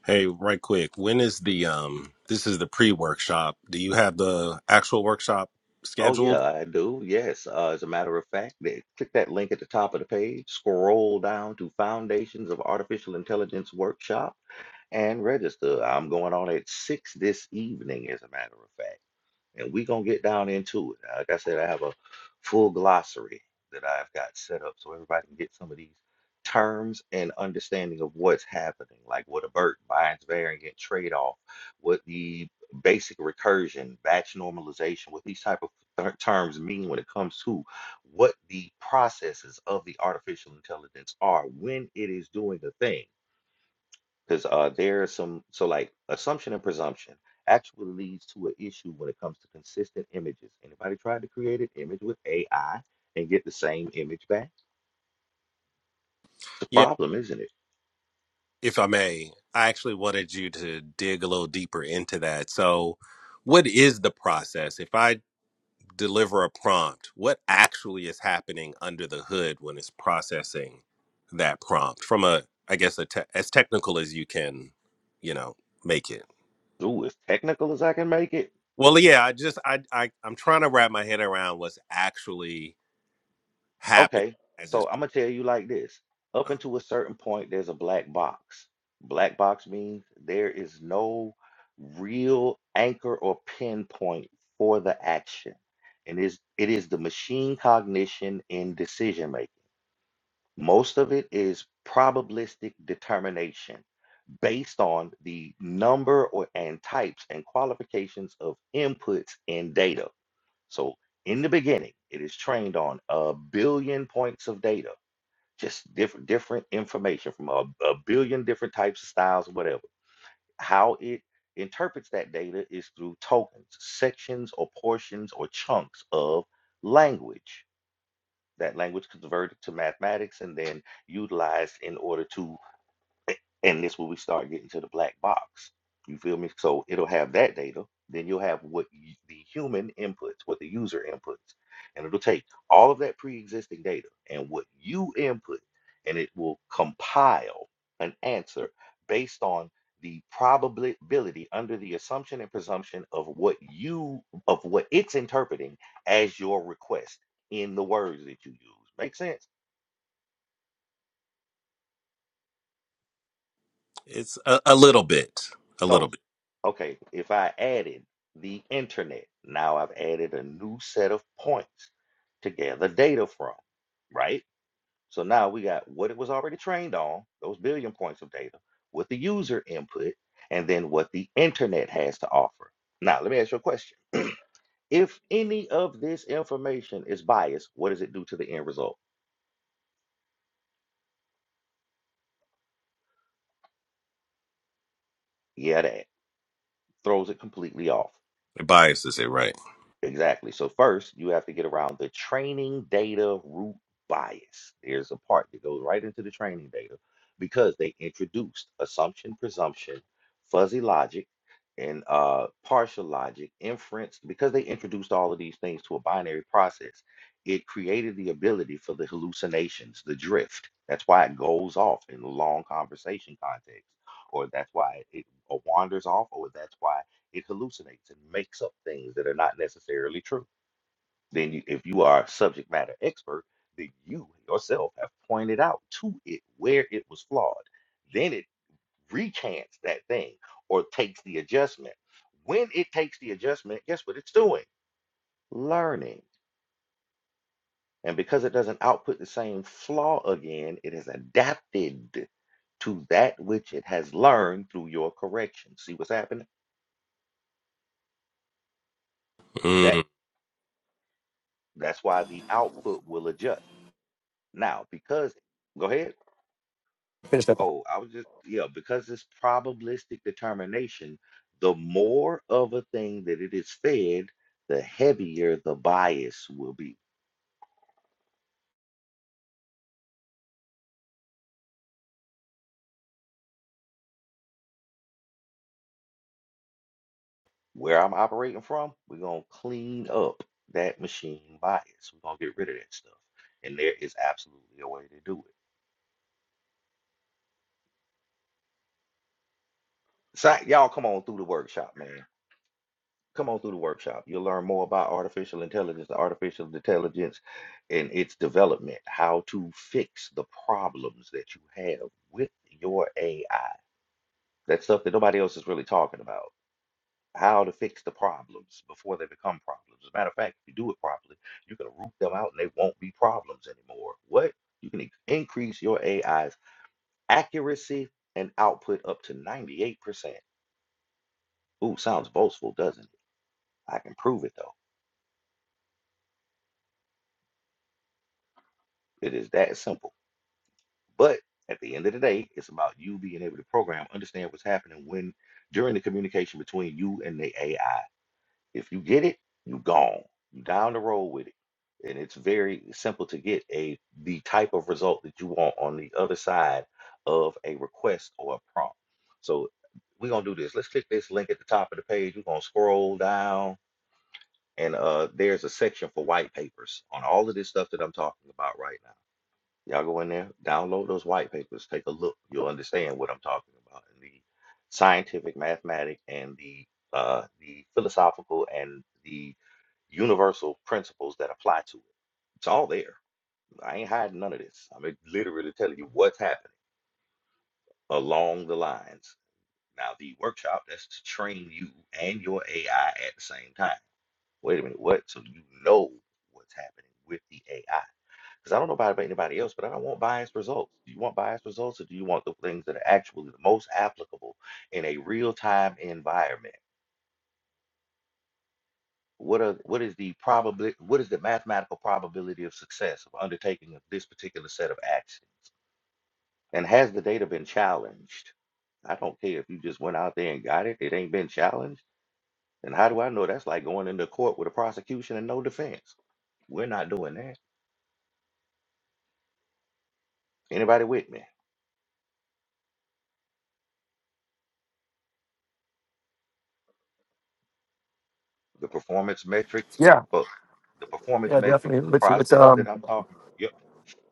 Speaker 2: Hey, right quick. When is the um this is the pre-workshop. Do you have the actual workshop
Speaker 1: Oh yeah,
Speaker 2: scheduled?
Speaker 1: I do. Yes. Uh, as a matter of fact, they, click that link at the top of the page, scroll down to Foundations of Artificial Intelligence Workshop, and register. I'm going on at six this evening, as a matter of fact. and we're gonna get down into it. Uh, Like I said, I have a full glossary that I've got set up so everybody can get some of these terms and understanding of what's happening, like what a Burt Bynes variant trade-off, what the basic recursion, batch normalization, what these type of ter- terms mean when it comes to what the processes of the artificial intelligence are when it is doing a thing because uh, there are some so like assumption and presumption actually leads to an issue when it comes to consistent images. Anybody tried to create an image with AI and get the same image back? It's a
Speaker 2: Yeah,
Speaker 1: problem, isn't it?
Speaker 2: if I may. I actually wanted you to dig a little deeper into that. So, what is the process? If I deliver a prompt, what actually is happening under the hood when it's processing that prompt from a I guess a te- as technical as you can, you know, make it.
Speaker 1: Ooh, as technical as I can make it.
Speaker 2: Well, yeah, I just I, I I'm trying to wrap my head around what's actually happening
Speaker 1: Okay,
Speaker 2: as it's
Speaker 1: so I'm gonna tell you like this. Up until a certain point, there's a black box. Black box means there is no real anchor or pinpoint for the action. And is it is the machine cognition in decision making. Most of it is probabilistic determination based on the number or and types and qualifications of inputs in data. So in the beginning, it is trained on a billion points of data, just different different information from a, a billion different types of styles, whatever. How it interprets that data is through tokens, sections or portions or chunks of language that language converted to mathematics and then utilized in order to and this where we start getting to the black box. You feel me? So it'll have that data. Then you'll have what y- the human inputs, what the user inputs, and it'll take all of that pre-existing data and what you input, and it will compile an answer based on the probability under the assumption and presumption of what you of what it's interpreting as your request in the words that you use. Make sense?
Speaker 2: It's a, a little bit, a
Speaker 1: So
Speaker 2: little bit.
Speaker 1: Okay, if I added the internet, now I've added a new set of points to gather data from, right? So now we got what it was already trained on, those billion points of data, what the user input, and then what the internet has to offer. Now, let me ask you a question. If any of this information is biased, what does it do to the end result? Yeah, that throws it completely off.
Speaker 2: It biases it, right?
Speaker 1: Exactly. So first, you have to get around the training data root bias. There's a part that goes right into the training data because they introduced assumption, presumption, fuzzy logic, and uh, partial logic, inference. Because they introduced all of these things to a binary process, it created the ability for the hallucinations, the drift. That's why it goes off in long conversation context, or that's why it uh, wanders off, or that's why it hallucinates and makes up things that are not necessarily true. Then, you, if you are a subject matter expert, then you yourself have pointed out to it where it was flawed. Then it rechants that thing or takes the adjustment. When it takes the adjustment, guess what it's doing? Learning. And because it doesn't output the same flaw again, it has adapted to that which it has learned through your correction. See what's happening?
Speaker 2: Mm.
Speaker 1: That that's why the output will adjust. Now, because, go ahead.
Speaker 5: Finish that. Thought.
Speaker 1: Oh, I was just, yeah, because it's probabilistic determination, the more of a thing that it is fed, the heavier the bias will be. Where I'm operating from, we're going to clean up that machine bias. We're going to get rid of that stuff. And there is absolutely a way to do it. So, y'all come on through the workshop, man. Come on through the workshop. You'll learn more about artificial intelligence, the artificial intelligence and its development, how to fix the problems that you have with your AI. That's stuff that nobody else is really talking about. How to fix the problems before they become problems. As a matter of fact, if you do it properly, you can root them out and they won't be problems anymore. What? You can in- increase your AI's accuracy and output up to 98%. Ooh, sounds boastful, doesn't it? I can prove it though. It is that simple. But at the end of the day, it's about you being able to program, understand what's happening when during the communication between you and the AI. If you get it, you gone. You down the road with it. And it's very simple to get a the type of result that you want on the other side of a request or a prompt. So we're gonna do this. Let's click this link at the top of the page. We're gonna scroll down and uh there's a section for white papers on all of this stuff that I'm talking about right now Y'all go in there, download those white papers, take a look. You'll understand what I'm talking about and the scientific, mathematic, and the uh, the philosophical and the universal principles that apply to it. It's all there. I ain't hiding none of this. I'm literally telling you what's happening along the lines. Now the workshop that's to train you and your AI at the same time. Wait a minute, what? So you know what's happening with the AI because I don't know about anybody else, but I don't want biased results. Do you want biased results or do you want the things that are actually the most applicable in a real-time environment? What are what is the probably what is the mathematical probability of success of undertaking of this particular set of actions? And has the data been challenged? I don't care if you just went out there and got it, it ain't been challenged. And how do I know that's like going into court with a prosecution and no defense? We're not doing that. Anybody with me? The performance metrics
Speaker 5: Yeah.
Speaker 1: for the performance
Speaker 5: Yeah,
Speaker 1: metrics for
Speaker 5: definitely.
Speaker 1: the
Speaker 5: But you- it's
Speaker 1: process that
Speaker 5: um
Speaker 1: I'm talking. Yep.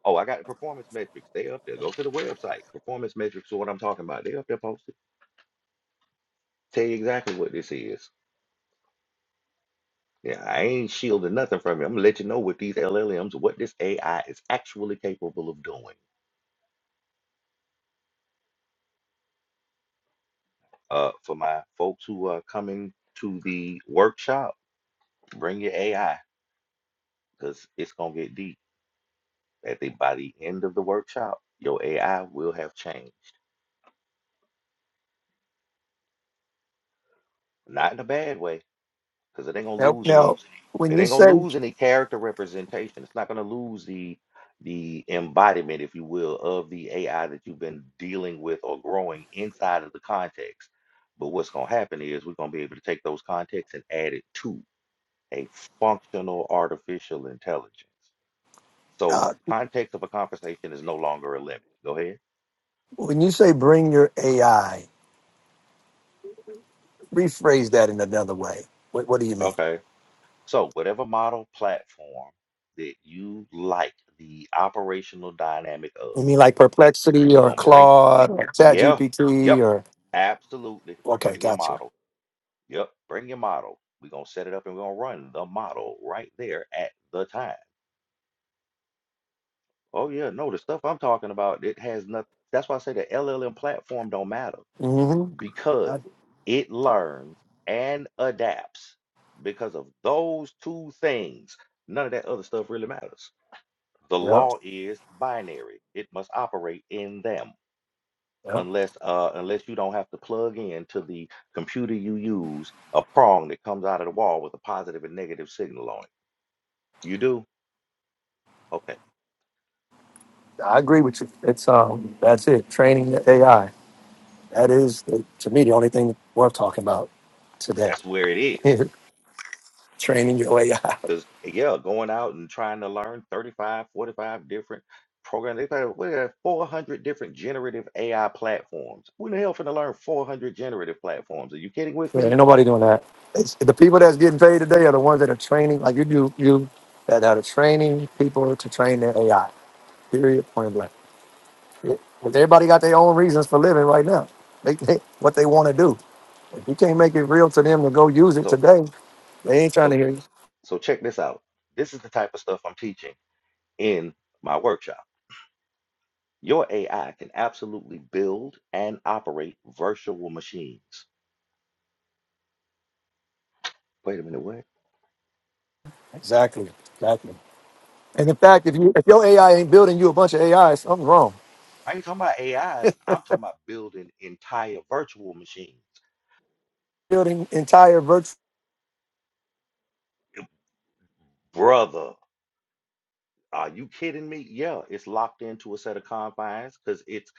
Speaker 1: Oh, I got the performance metrics. They up there. Go to the website. Performance metrics are what I'm talking about. They up there posted. Tell you exactly what this is. Yeah, I ain't shielding nothing from you. I'm gonna let you know what these LLMs, what this AI is actually capable of doing. Uh, for my folks who are coming to the workshop, bring your AI because it's gonna get deep. At the by the end of the workshop, your AI will have changed, not in a bad way because it ain't gonna
Speaker 5: now,
Speaker 1: lose
Speaker 5: now
Speaker 1: any
Speaker 5: when
Speaker 1: it
Speaker 5: you
Speaker 1: ain't gonna
Speaker 5: say
Speaker 1: lose any character representation. It's not gonna lose the the embodiment, if you will, of the AI that you've been dealing with or growing inside of the context. But what's gonna happen is we're gonna be able to take those contexts and add it to a functional artificial intelligence. So
Speaker 5: uh,
Speaker 1: context of a conversation is no longer a limit. Go ahead.
Speaker 5: when you say bring your AI, rephrase that in another way. What What do you mean?
Speaker 1: Okay. So whatever model platform that you like the operational dynamic of,
Speaker 5: You mean like perplexity
Speaker 1: we're
Speaker 5: or
Speaker 1: gonna bring
Speaker 5: Claude or Chat
Speaker 1: Yeah.
Speaker 5: GPT
Speaker 1: Yep.
Speaker 5: or
Speaker 1: Absolutely.
Speaker 5: Okay,
Speaker 1: Bring your
Speaker 5: gotcha.
Speaker 1: model. Yep. Bring your model. We're going to set it up and we're going to run the model right there at the time. Oh, yeah. No, the stuff I'm talking about, it has nothing. That's why I say the LLM platform don't matter
Speaker 5: Mm-hmm.
Speaker 1: because it learns and adapts because of those two things. None of that other stuff really matters. The
Speaker 5: Yep,
Speaker 1: law is binary. It must operate in them.
Speaker 5: yep.
Speaker 1: unless uh unless you don't have to plug in to the computer you use a prong that comes out of the wall with a positive and negative signal on it. You do? Okay.
Speaker 5: I agree with you. It's um, that's it. Training the AI. That is, to me, the only thing worth talking about today.
Speaker 1: That's where it is.
Speaker 5: *laughs* training your AI.
Speaker 1: Because yeah, going out and trying to learn 35, 45 different programs. They've got what are 400 different generative AI platforms. Who in the hell finna learn 400 generative platforms? Are you kidding with
Speaker 5: Yeah, ain't
Speaker 1: me?
Speaker 5: nobody doing that. It's, the people that's getting paid today are the ones that are training, like you do, you that are training people to train their AI. Period. Point blank. It- everybody got their own reasons for living right now. They, they what they want to do. If you can't make it real to them to go use it
Speaker 1: So
Speaker 5: today, they ain't trying to
Speaker 1: so
Speaker 5: hear.
Speaker 1: so check this out. This is the type of stuff I'm teaching in my workshop Your AI can absolutely build and operate virtual machines. Wait a minute, what?
Speaker 5: Exactly. Exactly. And in fact, if you if your AI ain't building you a bunch of AI, something's wrong.
Speaker 1: I ain't talking about AIs. I'm talking about building entire virtual machines.
Speaker 5: Building entire virtual.
Speaker 1: Brother, are you kidding me? Yeah, it's locked into a set of confines because it's,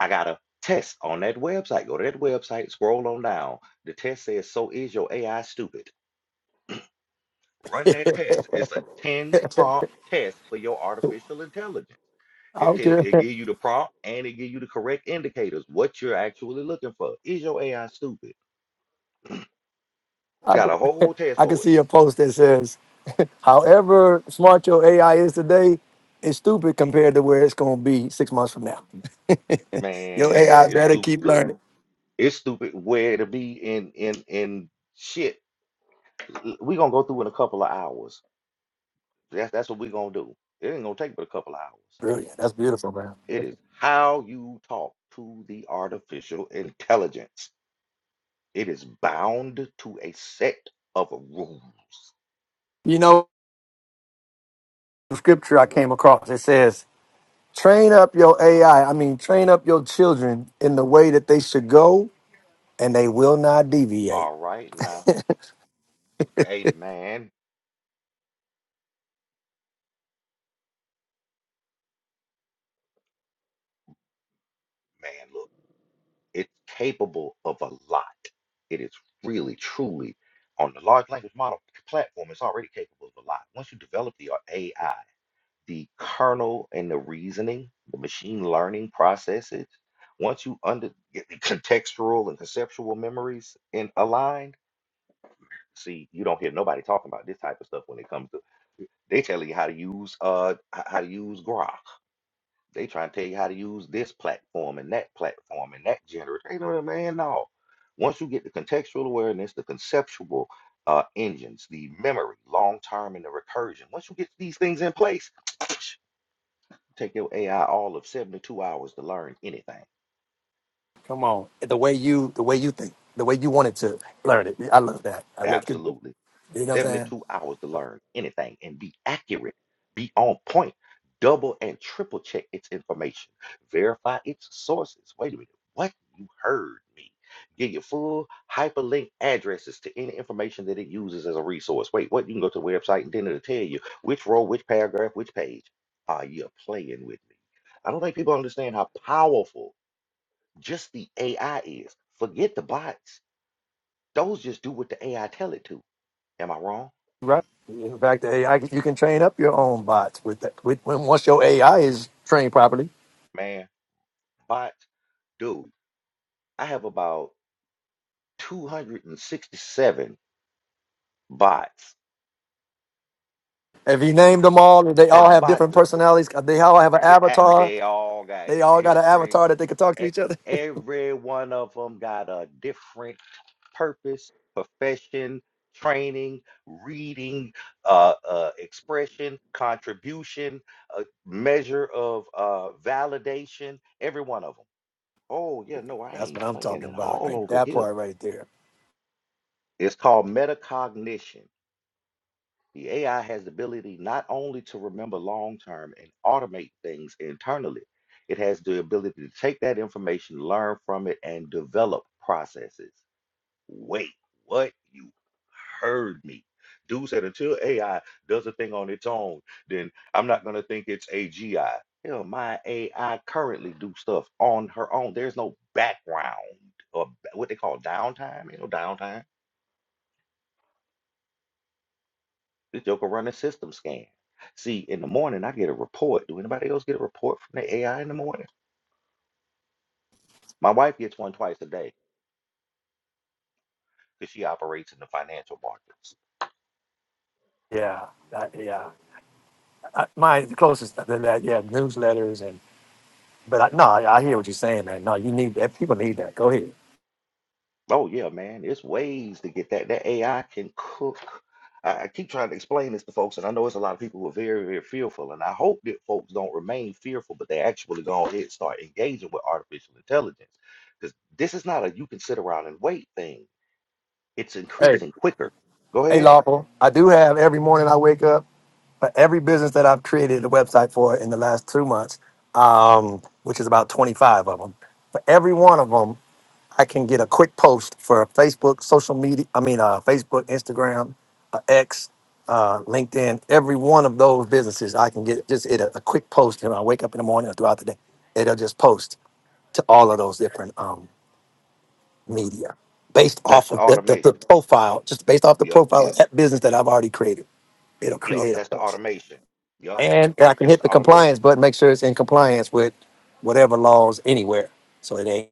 Speaker 1: I got a test on that website. Go to that website, scroll on down. The test says, So is your AI stupid? Run that test. It's a 10 prompt test for your artificial intelligence.
Speaker 5: I
Speaker 1: It
Speaker 5: don't
Speaker 1: tell,
Speaker 5: care.
Speaker 1: it
Speaker 5: *laughs*
Speaker 1: give you the prompt and it give you the correct indicators what you're actually looking for. Is your AI stupid?
Speaker 5: I
Speaker 1: Got
Speaker 5: could,
Speaker 1: a
Speaker 5: *laughs*
Speaker 1: whole test
Speaker 5: I could
Speaker 1: for it.
Speaker 5: see a post that says, *laughs* "However smart your AI is today, it's stupid compared to where it's going to be six months from now. Your
Speaker 1: Man,
Speaker 5: AI
Speaker 1: it's
Speaker 5: better
Speaker 1: stupid.
Speaker 5: keep
Speaker 1: Look,
Speaker 5: learning."
Speaker 1: it's stupid where to be in in in shit. We're gonna go through in a couple of hours. That's that's what we're gonna do. It ain't gonna take but a couple of hours.
Speaker 5: Brilliant. That's beautiful, man.
Speaker 1: It is how you talk to the artificial intelligence. It is bound to a set of rules.
Speaker 5: You know, the scripture I came across it says, "Train up your AI. I I mean, train up your children in the way that they should go, and they will not deviate."
Speaker 1: All right now. Hey man, man, look. It's capable of a lot. It is really, truly on the large language model platform, it's already capable of a lot. Once you develop the AI, the kernel and the reasoning, the machine learning processes, once you under get the contextual and conceptual memories and aligned, see, you don't hear nobody talking about this type of stuff when it comes to they telling you how to use uh h- how to use Grok they trying to tell you how to use this platform and that platform and that generator. Ain't no man, no. Once you get the contextual awareness, the conceptual uh, engines, the memory, long term, and the recursion. Once you get these things in place, *tsk* take your AI all of 72 hours to learn anything.
Speaker 5: Come on. The way you the way you think, the way you wanted to learn it. I love that. I look good.
Speaker 1: Absolutely.
Speaker 5: You know what I'm saying?
Speaker 1: 72 hours to learn anything and be accurate, be on point, double and triple check its information, verify its sources. Wait a minute, what? You heard me. Give your full hyperlink addresses to any information that it uses as a resource. Wait, what? You can go to the website and then it'll tell you which row, which paragraph, which page. Are you playing with me? I don't think people understand how powerful just the AI is. Forget the bots. Those just do what the AI tell it to Am I wrong?
Speaker 5: Right. In fact, the AI you can train up your own bots with that. With when once your AI is trained properly.
Speaker 1: Man, bots, dude, I have about 267 bots.
Speaker 5: If you named them all, and they all
Speaker 1: That
Speaker 5: have
Speaker 1: bots
Speaker 5: different
Speaker 1: is
Speaker 5: personalities. Uh, They all have an
Speaker 1: they act-
Speaker 5: avatar.
Speaker 1: they all got
Speaker 5: They all got an
Speaker 1: different
Speaker 5: avatar that they can talk to
Speaker 1: e-
Speaker 5: each other. *laughs*
Speaker 1: every one of them got a different purpose, profession, training, reading, uh, uh, expression, contribution, uh, measure of uh, validation, every one of them. Oh, yeah, no, I
Speaker 5: That's what
Speaker 1: ain't
Speaker 5: I'm
Speaker 1: playing
Speaker 5: talking
Speaker 1: it
Speaker 5: about.
Speaker 1: all
Speaker 5: Right,
Speaker 1: over
Speaker 5: that
Speaker 1: here.
Speaker 5: part right there.
Speaker 1: It's called metacognition. The AI has the ability not only to remember long term and automate things internally, it has the ability to take that information, learn from it, and develop processes. Wait, what? You heard me. Dude said until AI does a thing on its own, then I'm not going to think it's AGI. Hell, my AI currently do stuff on her own. There's no background or ba- what they call downtime. Ain't no downtime This joker run a system scan. See, in the morning I get a report. Do anybody else get a report from the AI in the morning? My wife gets one twice a day because she operates in the financial markets.
Speaker 5: Yeah, that, yeah. I, my the closest than that, yeah, newsletters and. But I, no, I, I hear what you're saying, man. No, you need that. People need that. Go ahead.
Speaker 1: Oh yeah, man, there's ways to get that. That AI can cook. I, I keep trying to explain this to folks, and I know it's a lot of people who are very, very fearful, and I hope that folks don't remain fearful, but they actually go ahead and start engaging with artificial intelligence because this is not a you can sit around and wait thing. It's increasing quicker. Go
Speaker 5: Hey,
Speaker 1: ahead.
Speaker 5: Lawful, I do have every morning I wake up for every business that I've created a website for in the last two months, um, which is about 25 of them. For every one of them, I can get a quick post for Facebook, social media, I mean, uh, Facebook, Instagram, uh, X, uh, LinkedIn. Every one of those businesses, I can get just it a, a quick post. And I wake up in the morning or throughout the day, it'll just post to all of those different um, media based
Speaker 1: That's
Speaker 5: off
Speaker 1: the
Speaker 5: of the, the, the
Speaker 1: automation.
Speaker 5: profile, just based off the
Speaker 1: Yep.
Speaker 5: profile of that business that I've already created it'll
Speaker 1: Yep,
Speaker 5: create a
Speaker 1: that's the
Speaker 5: puff.
Speaker 1: automation. Yep,
Speaker 5: And I can
Speaker 1: that's
Speaker 5: hit
Speaker 1: the
Speaker 5: the
Speaker 1: automation.
Speaker 5: compliance button, make sure it's in compliance with whatever laws anywhere. So it ain't,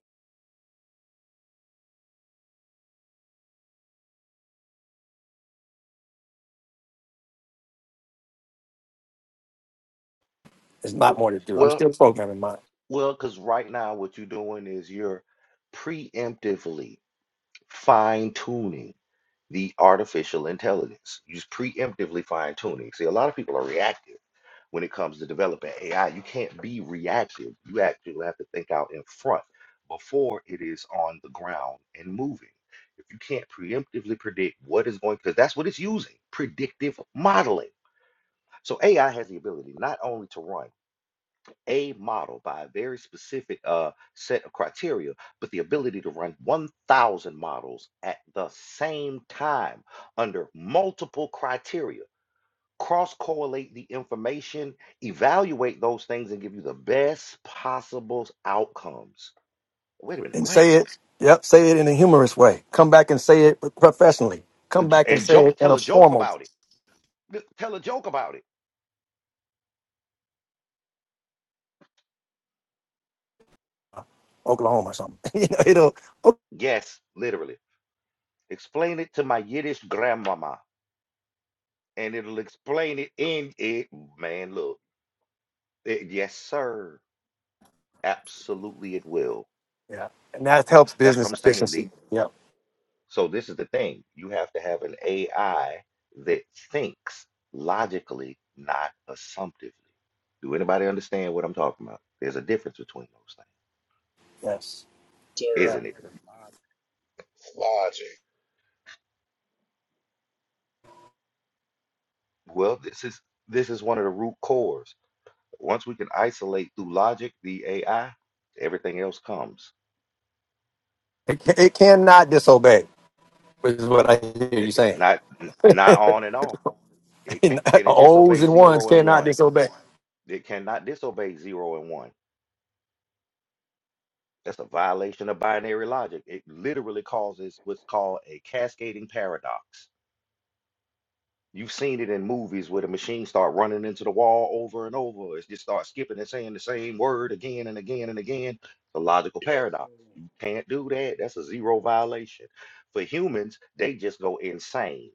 Speaker 5: there's not more to do. I'm
Speaker 1: Well,
Speaker 5: still programming mine.
Speaker 1: well, because right now what you're doing is you're preemptively fine-tuning the artificial intelligence. You're preemptively fine-tuning. See, a lot of people are reactive when it comes to developing AI. You can't be reactive. You actually have to think out in front before it is on the ground and moving. If you can't preemptively predict what is going, because that's what it's using, predictive modeling. So AI has the ability not only to run a model by a very specific uh, set of criteria, but the ability to run 1,000 models at the same time under multiple criteria, cross correlate the information, evaluate those things, and give you the best possible outcomes. Wait a minute,
Speaker 5: And
Speaker 1: what?
Speaker 5: say it, yep, say it in a humorous way. Come back and say it professionally. Come back and
Speaker 1: And
Speaker 5: say it
Speaker 1: joke,
Speaker 5: in a
Speaker 1: tell a joke
Speaker 5: formal
Speaker 1: about it. Tell a joke about it.
Speaker 5: Oklahoma or something. *laughs* you know, it'll, oh,
Speaker 1: Yes, literally. Explain it to my Yiddish grandmama. and it'll explain it in it. Man, look, Eh, yes, sir, absolutely, it will.
Speaker 5: yeah. And that helps
Speaker 1: That's what
Speaker 5: business
Speaker 1: I'm saying. The,
Speaker 5: efficiency. Yep,
Speaker 1: so this is the thing: you have to have an AI that thinks logically, not assumptively. Do anybody understand what I'm talking about? There's a difference between those
Speaker 5: yes,
Speaker 1: things,
Speaker 5: yeah.
Speaker 6: Sir,
Speaker 1: isn't it?
Speaker 6: Uh, logic.
Speaker 1: Well, this is this is one of the root cores. Once we can isolate through logic the AI, everything else comes.
Speaker 5: It, ca- it cannot disobey, which is what I hear
Speaker 1: Eh,
Speaker 5: you
Speaker 1: eh,
Speaker 5: saying.
Speaker 1: Not n- not on and off. It can
Speaker 5: *laughs*
Speaker 1: can it
Speaker 5: O's
Speaker 1: disobey
Speaker 5: and ones
Speaker 1: zero and
Speaker 5: cannot
Speaker 1: one?
Speaker 5: disobey.
Speaker 1: It cannot disobey zero and one. That's a violation of binary logic. It literally causes what's called a cascading paradox. You've seen it in movies where the machines start running into the wall over and over. It just starts skipping and saying the same word again and again and again. The logical
Speaker 6: Yes.
Speaker 1: paradox. You can't do that. That's a zero violation. For humans, they just go insane.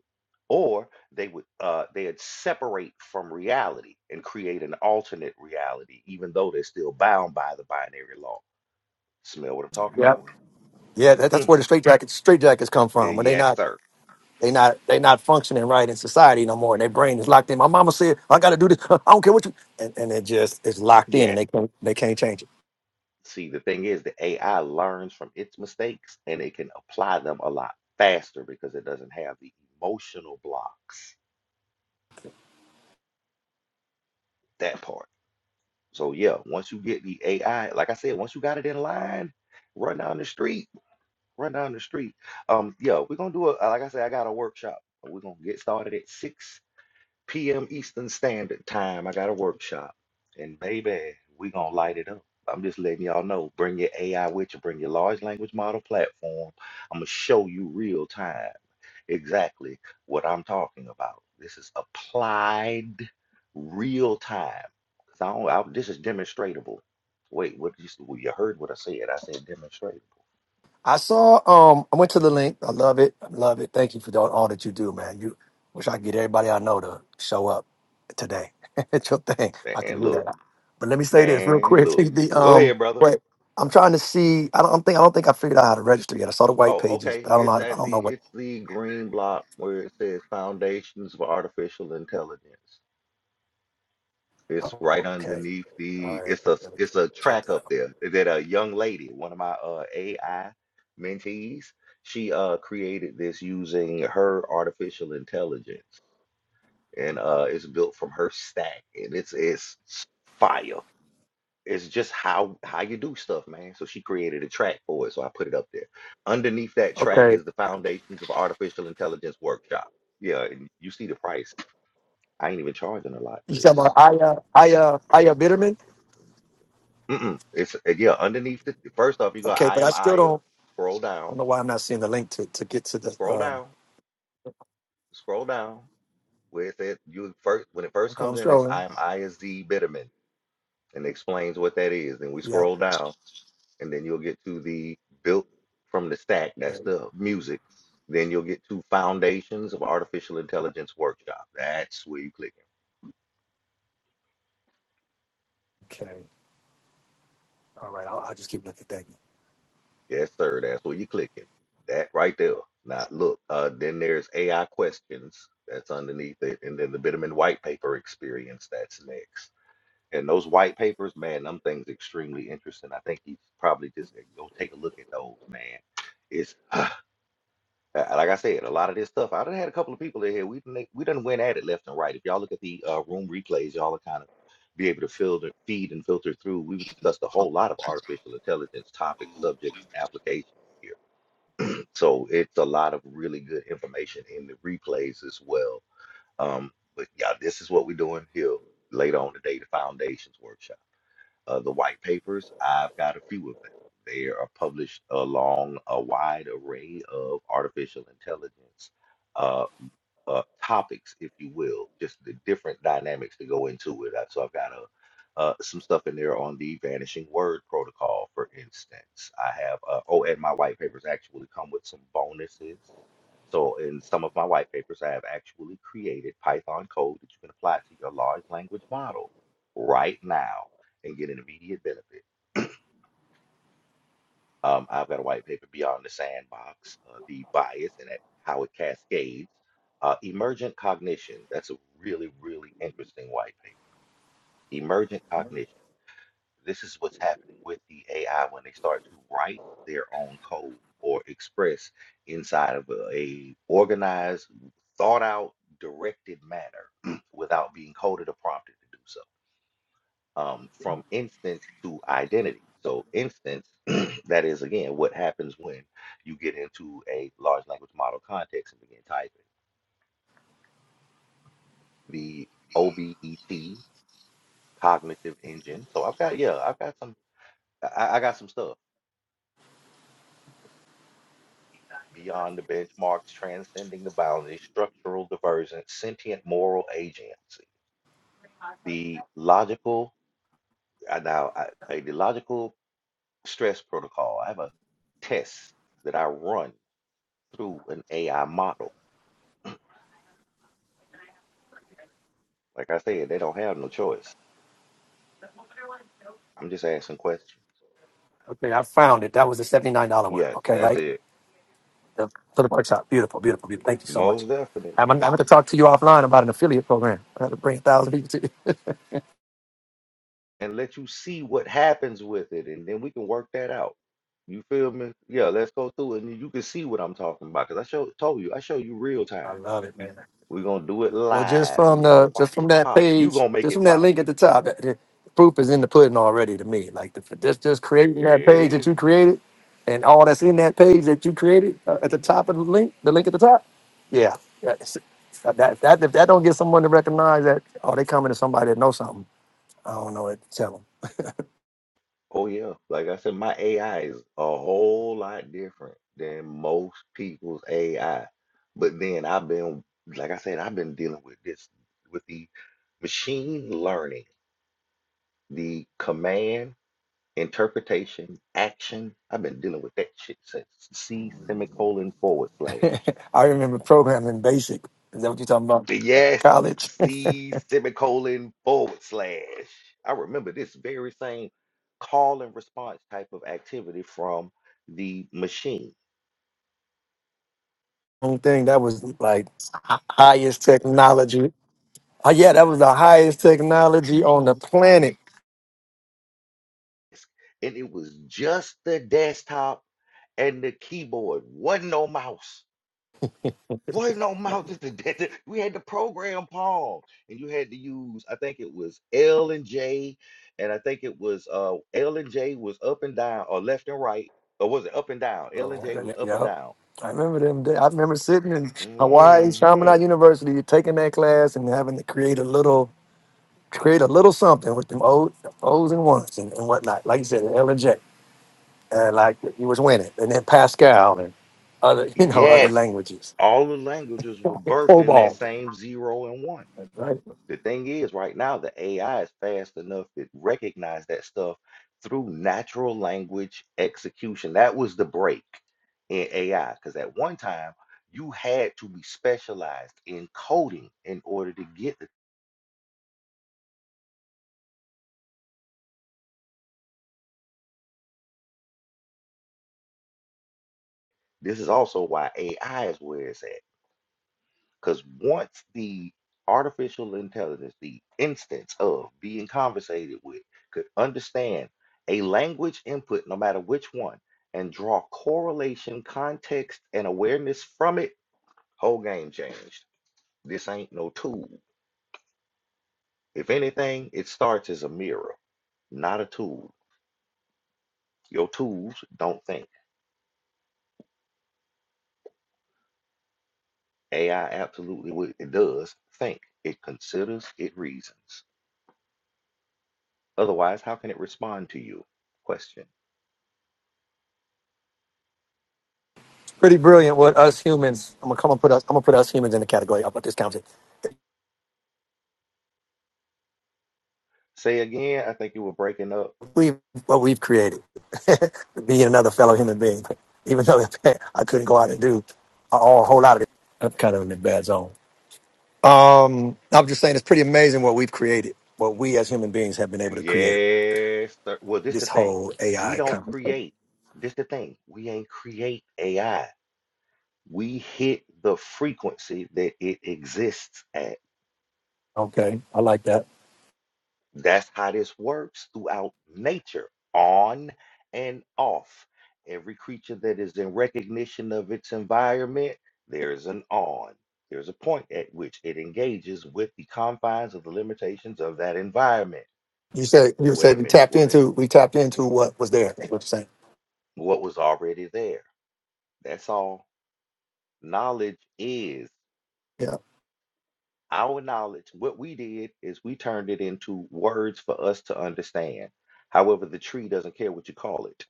Speaker 1: Or they would uh, they'd separate from reality and create an alternate reality, even though they're still bound by the binary law. Smell what I'm talking
Speaker 5: Yep.
Speaker 1: about?
Speaker 5: Yeah, that, that's
Speaker 1: Mm,
Speaker 5: where the straight jackets straight jackets come
Speaker 1: eh,
Speaker 5: from. When they
Speaker 1: Yes,
Speaker 5: not
Speaker 1: sir.
Speaker 5: they not they not functioning right in society no more. And their brain is locked in. My mama said, I gotta do this. *laughs* I don't care what you and, and it just it's locked in
Speaker 1: Yes.
Speaker 5: and they can't they can't change it.
Speaker 1: See, the thing is, the AI learns from its mistakes and it can apply them a lot faster because it doesn't have the emotional blocks, that part. So, yeah, once you get the AI, like I said, once you got it in line, run down the street, run down the street. Um, yeah, we're gonna do a, like I said, I got a workshop. We're gonna get started at 6 p.m. Eastern Standard Time. I got a workshop, and baby, we gonna light it up. I'm just letting y'all know. Bring your AI with you. Bring your large language model platform. I'm gonna show you real time exactly what I'm talking about. This is applied real time. 'Cause I don't, I, this is demonstratable. Wait, what you, well, you heard what I said? I said demonstratable.
Speaker 5: I saw um I went to the link. I love it. I love it. Thank you for all, all that you do, man. You wish I could get everybody I know to show up today. *laughs* it's your thing. I can
Speaker 1: Man,
Speaker 5: do that.
Speaker 1: look,
Speaker 5: But let me say this real
Speaker 1: man,
Speaker 5: quick. *laughs*
Speaker 1: look.
Speaker 5: The
Speaker 1: Go
Speaker 5: um
Speaker 1: ahead, brother.
Speaker 5: wait, I'm trying to see. I don't think I don't think I figured out how to register yet. I saw the white
Speaker 1: Oh,
Speaker 5: pages,
Speaker 1: okay.
Speaker 5: but I don't know
Speaker 1: It's
Speaker 5: how to, I
Speaker 1: at
Speaker 5: don't
Speaker 1: the
Speaker 5: know what
Speaker 1: it's the green block where it says Foundations of Artificial Intelligence. It's right
Speaker 5: okay.
Speaker 1: underneath
Speaker 5: All
Speaker 1: the
Speaker 5: right,
Speaker 1: it's a
Speaker 5: let me
Speaker 1: it's a
Speaker 5: check
Speaker 1: track
Speaker 5: that
Speaker 1: up
Speaker 5: out.
Speaker 1: there that a young lady, one of my uh AI mentees, she uh created this using her artificial intelligence and uh it's built from her stack and it's it's fire it's just how how you do stuff, man. So she created a track for it, so I put it up there. Underneath that track
Speaker 5: Okay,
Speaker 1: is the Foundations of Artificial Intelligence Workshop. Yeah, and you see the price. I ain't even charging a lot for
Speaker 5: you talking about
Speaker 1: this.
Speaker 5: Aya Aya Aya Bitterman?
Speaker 1: Mm-mm. It's uh, yeah, underneath the first off, you go
Speaker 5: Okay,
Speaker 1: I
Speaker 5: but I
Speaker 1: am
Speaker 5: still
Speaker 1: Aya.
Speaker 5: don't.
Speaker 1: Scroll
Speaker 5: I
Speaker 1: down,
Speaker 5: don't know why I'm not seeing the link to, to get to the.
Speaker 1: scroll
Speaker 5: Um,
Speaker 1: down, scroll down. Where it said you first when it first
Speaker 5: okay, I'm
Speaker 1: comes in, it's I
Speaker 5: scrolling.
Speaker 1: am Aya Z Bitterman, and it explains what that is. Then we
Speaker 5: Yep.
Speaker 1: scroll down and then you'll get to the built from the stack.
Speaker 5: Okay.
Speaker 1: That's the music. Then you'll get to foundations of artificial intelligence workshop. That's where you clicking.
Speaker 5: okay. All right. I'll, I'll just keep looking. Thank you.
Speaker 1: Yes, sir. That's where you clicking. That right there. Now look. Uh, then there's AI questions. That's underneath it, and then the Bitterman white paper experience. That's next. And those white papers, man, them things extremely interesting. I think you probably just eh, go take a look at those, man. It's Uh, Like I said, a lot of this stuff. I done had a couple of people in here. We done, we done went at it left and right. If y'all look at the uh, room replays, y'all are kind of be able to filter, feed, and filter through. We've discussed a whole lot of artificial intelligence topics, subjects, and applications here. So it's a lot of really good information in the replays as well. Um, but yeah, this is what we're doing here later on today, the foundations workshop. Uh, the white papers, I've got a few of them. They are published along a wide array of artificial intelligence uh, uh, topics, if you will, just the different dynamics that go into it. Uh, So I've got a, uh, some stuff in there on the vanishing word protocol, for instance. I have, uh, oh, and my white papers actually come with some bonuses. So in some of my white papers, I have actually created Python code that you can apply to your large language model right now and get an immediate benefit. Um, I've got a white paper beyond the sandbox, uh, the bias and that, how it cascades. Uh, emergent cognition. That's a really, really interesting white paper. Emergent cognition. This is what's happening with the AI when they start to write their own code or express inside of a, a organized, thought out, directed manner *clears throat* without being coded or prompted to do so um, from instance to identity. So, instance, *clears throat* that is again what happens when you get into a large language model context and begin typing. The OBET cognitive engine. So, I've got, yeah, I've got some, I, I got some stuff beyond the benchmarks, transcending the boundaries, structural divergence, sentient moral agency, the logical, I now, I, I- the logical stress protocol. I have a test that I run through an AI model Like I said, they don't have no choice. I'm just asking questions.
Speaker 5: Okay, I found it. That was the seventy nine dollar one.
Speaker 1: Yes,
Speaker 5: Okay,
Speaker 1: that's
Speaker 5: right.
Speaker 1: it.
Speaker 5: The, for the workshop. Beautiful, beautiful, beautiful. Thank you so much.
Speaker 1: Most definitely.
Speaker 5: I'm, I'm going to talk to you offline about an affiliate program. I have to bring a thousand people to you.
Speaker 1: And let you see what happens with it, and then we can work that out. You feel me? Yeah, let's go through it, and you can see what I'm talking about. Cause I show, told you, I show you real
Speaker 5: I
Speaker 1: time.
Speaker 5: love it, man.
Speaker 1: We're gonna do it
Speaker 5: Well, just
Speaker 1: live. You're
Speaker 5: from
Speaker 1: gonna
Speaker 5: the
Speaker 1: watch
Speaker 5: just from
Speaker 1: it
Speaker 5: that
Speaker 1: pop. you
Speaker 5: page,
Speaker 1: gonna make
Speaker 5: just
Speaker 1: it
Speaker 5: from that
Speaker 1: pop.
Speaker 5: link at the top, that, the proof is in the pudding already to me. Like the, just just creating that
Speaker 1: There it
Speaker 5: page
Speaker 1: is.
Speaker 5: that you created, and all that's in that page that you created uh, at the top of the link, the link at the top. Yeah, that's- that that if that don't get someone to recognize that, oh, they coming to somebody that knows something. I don't know what to tell
Speaker 1: Oh yeah, like I said, my AI is a whole lot different than most people's AI. But then I've been, like I said, I've been dealing with this, with the machine learning, the command, interpretation, action. I've been dealing with that shit since C semicolon forward slash.
Speaker 5: them. *laughs* I remember programming basic. Is that what you're talking about?
Speaker 1: Yes,
Speaker 5: College.
Speaker 1: C semicolon forward slash. I remember this very same call and response type of activity from the machine.
Speaker 5: *laughs* One thing that was like hi- highest technology Oh, yeah, that was the highest technology on the planet.
Speaker 1: desk, and it was just the desktop and the keyboard. Wasn't no mouse. Wasn't no mouse. Just the de- *laughs* we had the program Palm, and you had to use. I think it was L and J, and I think it was uh L and J was up and down or left and right, or was it up and down? L and J was up and
Speaker 5: Yep.
Speaker 1: down.
Speaker 5: I remember them. Day. I remember sitting in Hawaii,
Speaker 1: Hmm.
Speaker 5: Chaminade University, taking that class and having to create a little, create a little something with them old O's and ones and, and whatnot. Like you said, L and J, and like you was winning, and then Pascal and other, *laughs* you know, other
Speaker 1: Yes.
Speaker 5: languages.
Speaker 1: All the languages were birthed in that
Speaker 5: Cobol,
Speaker 1: same zero and one.
Speaker 5: right?
Speaker 1: The thing is, right now, the AI is fast enough to recognize that stuff through natural language execution. That was the break in AI, because at one time, you had to be specialized in coding in order to get the, this is also why AI is where it's at. Because once the artificial intelligence, the instance of being conversated with, could understand a language input, no matter which one, and draw correlation, context, and awareness from it, whole game changed. This ain't no tool. If anything, it starts as a mirror, not a tool. Your tools don't think. AI absolutely wi- it does think. It considers, it reasons. Otherwise, how can it respond to you? Question.
Speaker 5: It's pretty brilliant. What us humans, I'm gonna come and put us, I'm gonna put us humans in the category. I'll put this count.
Speaker 1: Say again, I think you were breaking up.
Speaker 5: we what we've created, *laughs* being another fellow human being, even though *laughs* I couldn't go out and do a, a whole lot of it. I'm kind of in the bad zone. Um, I'm just saying it's pretty amazing what we've created, what we as human beings have been able to create.
Speaker 1: Yes, sir. Well, this the
Speaker 5: This
Speaker 1: thing.
Speaker 5: whole
Speaker 1: We
Speaker 5: AI
Speaker 1: don't
Speaker 5: concept.
Speaker 1: create. This the thing. We ain't create AI. We hit the frequency that it exists at.
Speaker 5: Okay, I like that.
Speaker 1: That's how this works throughout nature, on and off. Every creature that is in recognition of its environment, there is an on. There's a point at which it engages with the confines of the limitations of that environment.
Speaker 5: You said you
Speaker 1: Wait
Speaker 5: said
Speaker 1: a
Speaker 5: we
Speaker 1: minute,
Speaker 5: tapped
Speaker 1: what?
Speaker 5: into we tapped into what was there. is What you're saying?
Speaker 1: what was already there. That's all knowledge is.
Speaker 5: Yeah.
Speaker 1: Our knowledge, what we did is we turned it into words for us to understand. However, the tree doesn't care what you call it.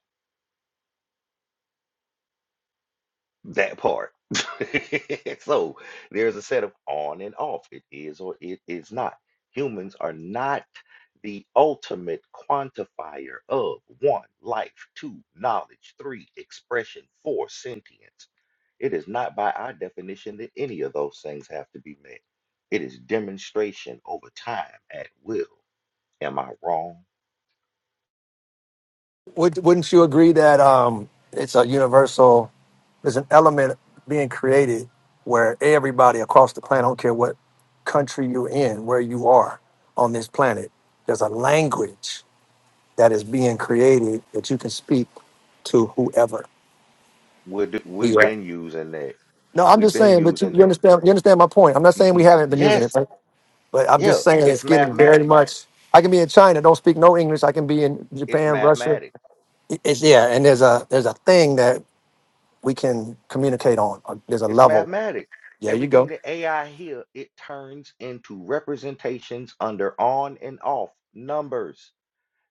Speaker 1: That part. *laughs* So there's a set of on and off. It is or it is not. Humans are not the ultimate quantifier of one, life, two, knowledge, three, expression, four, sentience. It is not by our definition that any of those things have to be met. It is demonstration over time at will. Am I wrong?
Speaker 5: Would, wouldn't you agree that um, it's a universal? there's an element being created where everybody across the planet, I don't care what country you're in, where you are on this planet, there's a language that is being created that you can speak to whoever.
Speaker 1: we d-
Speaker 5: We
Speaker 1: we've
Speaker 5: are.
Speaker 1: been using that.
Speaker 5: No, I'm
Speaker 1: We've
Speaker 5: just
Speaker 1: been
Speaker 5: saying, but you,
Speaker 1: using
Speaker 5: you
Speaker 1: that.
Speaker 5: understand you understand my point. I'm not
Speaker 1: Y-
Speaker 5: saying we
Speaker 1: y-
Speaker 5: haven't been using it,
Speaker 1: Yes,
Speaker 5: right? but I'm
Speaker 1: yeah,
Speaker 5: just saying
Speaker 1: it's
Speaker 5: it's getting very
Speaker 1: mathematics.
Speaker 5: much. I can be in China, don't speak no English. I can be in
Speaker 1: It's
Speaker 5: Japan, Russia.
Speaker 1: mathematics.
Speaker 5: It- It's yeah, and there's a there's a thing that we can communicate on. Uh, There's a
Speaker 1: It's
Speaker 5: level.
Speaker 1: mathematics.
Speaker 5: There you go.
Speaker 1: Everything that AI here, it turns into representations under on and off numbers.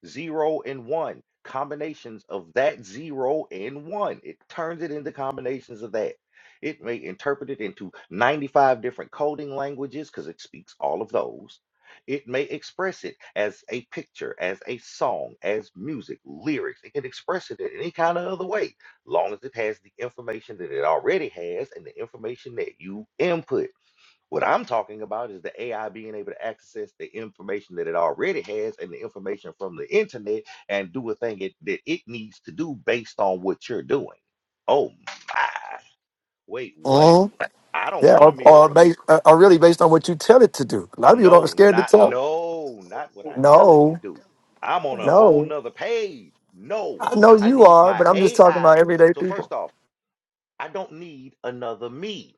Speaker 1: zero and one combinations of that zero and one it turns it into combinations of that it may interpret it into 95 different coding languages because it speaks all of those it may express it as a picture as a song as music lyrics it can express it in any kind of other way long as it has the information that it already has and the information that you input what I'm talking about is the AI being able to access the information that it already has and the information from the internet and do a thing it, that it needs to do based on what you're doing. Oh my. Wait, what? I don't
Speaker 5: Yeah,
Speaker 1: want a
Speaker 5: or, or,
Speaker 1: mirror.
Speaker 5: based, uh, or really based on what you tell it to do. A lot of people don't are
Speaker 1: No,
Speaker 5: scared to
Speaker 1: not
Speaker 5: tell.
Speaker 1: no, not what I tell it to
Speaker 5: No,
Speaker 1: do. I'm on a whole
Speaker 5: no.
Speaker 1: nother page. No,
Speaker 5: I know
Speaker 1: I
Speaker 5: you
Speaker 1: need
Speaker 5: are,
Speaker 1: my
Speaker 5: but I'm just talking
Speaker 1: AI.
Speaker 5: about everyday
Speaker 1: So
Speaker 5: people.
Speaker 1: first off, I don't need another me.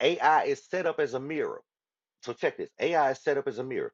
Speaker 1: AI is set up as a mirror. So check this. AI is set up as a mirror.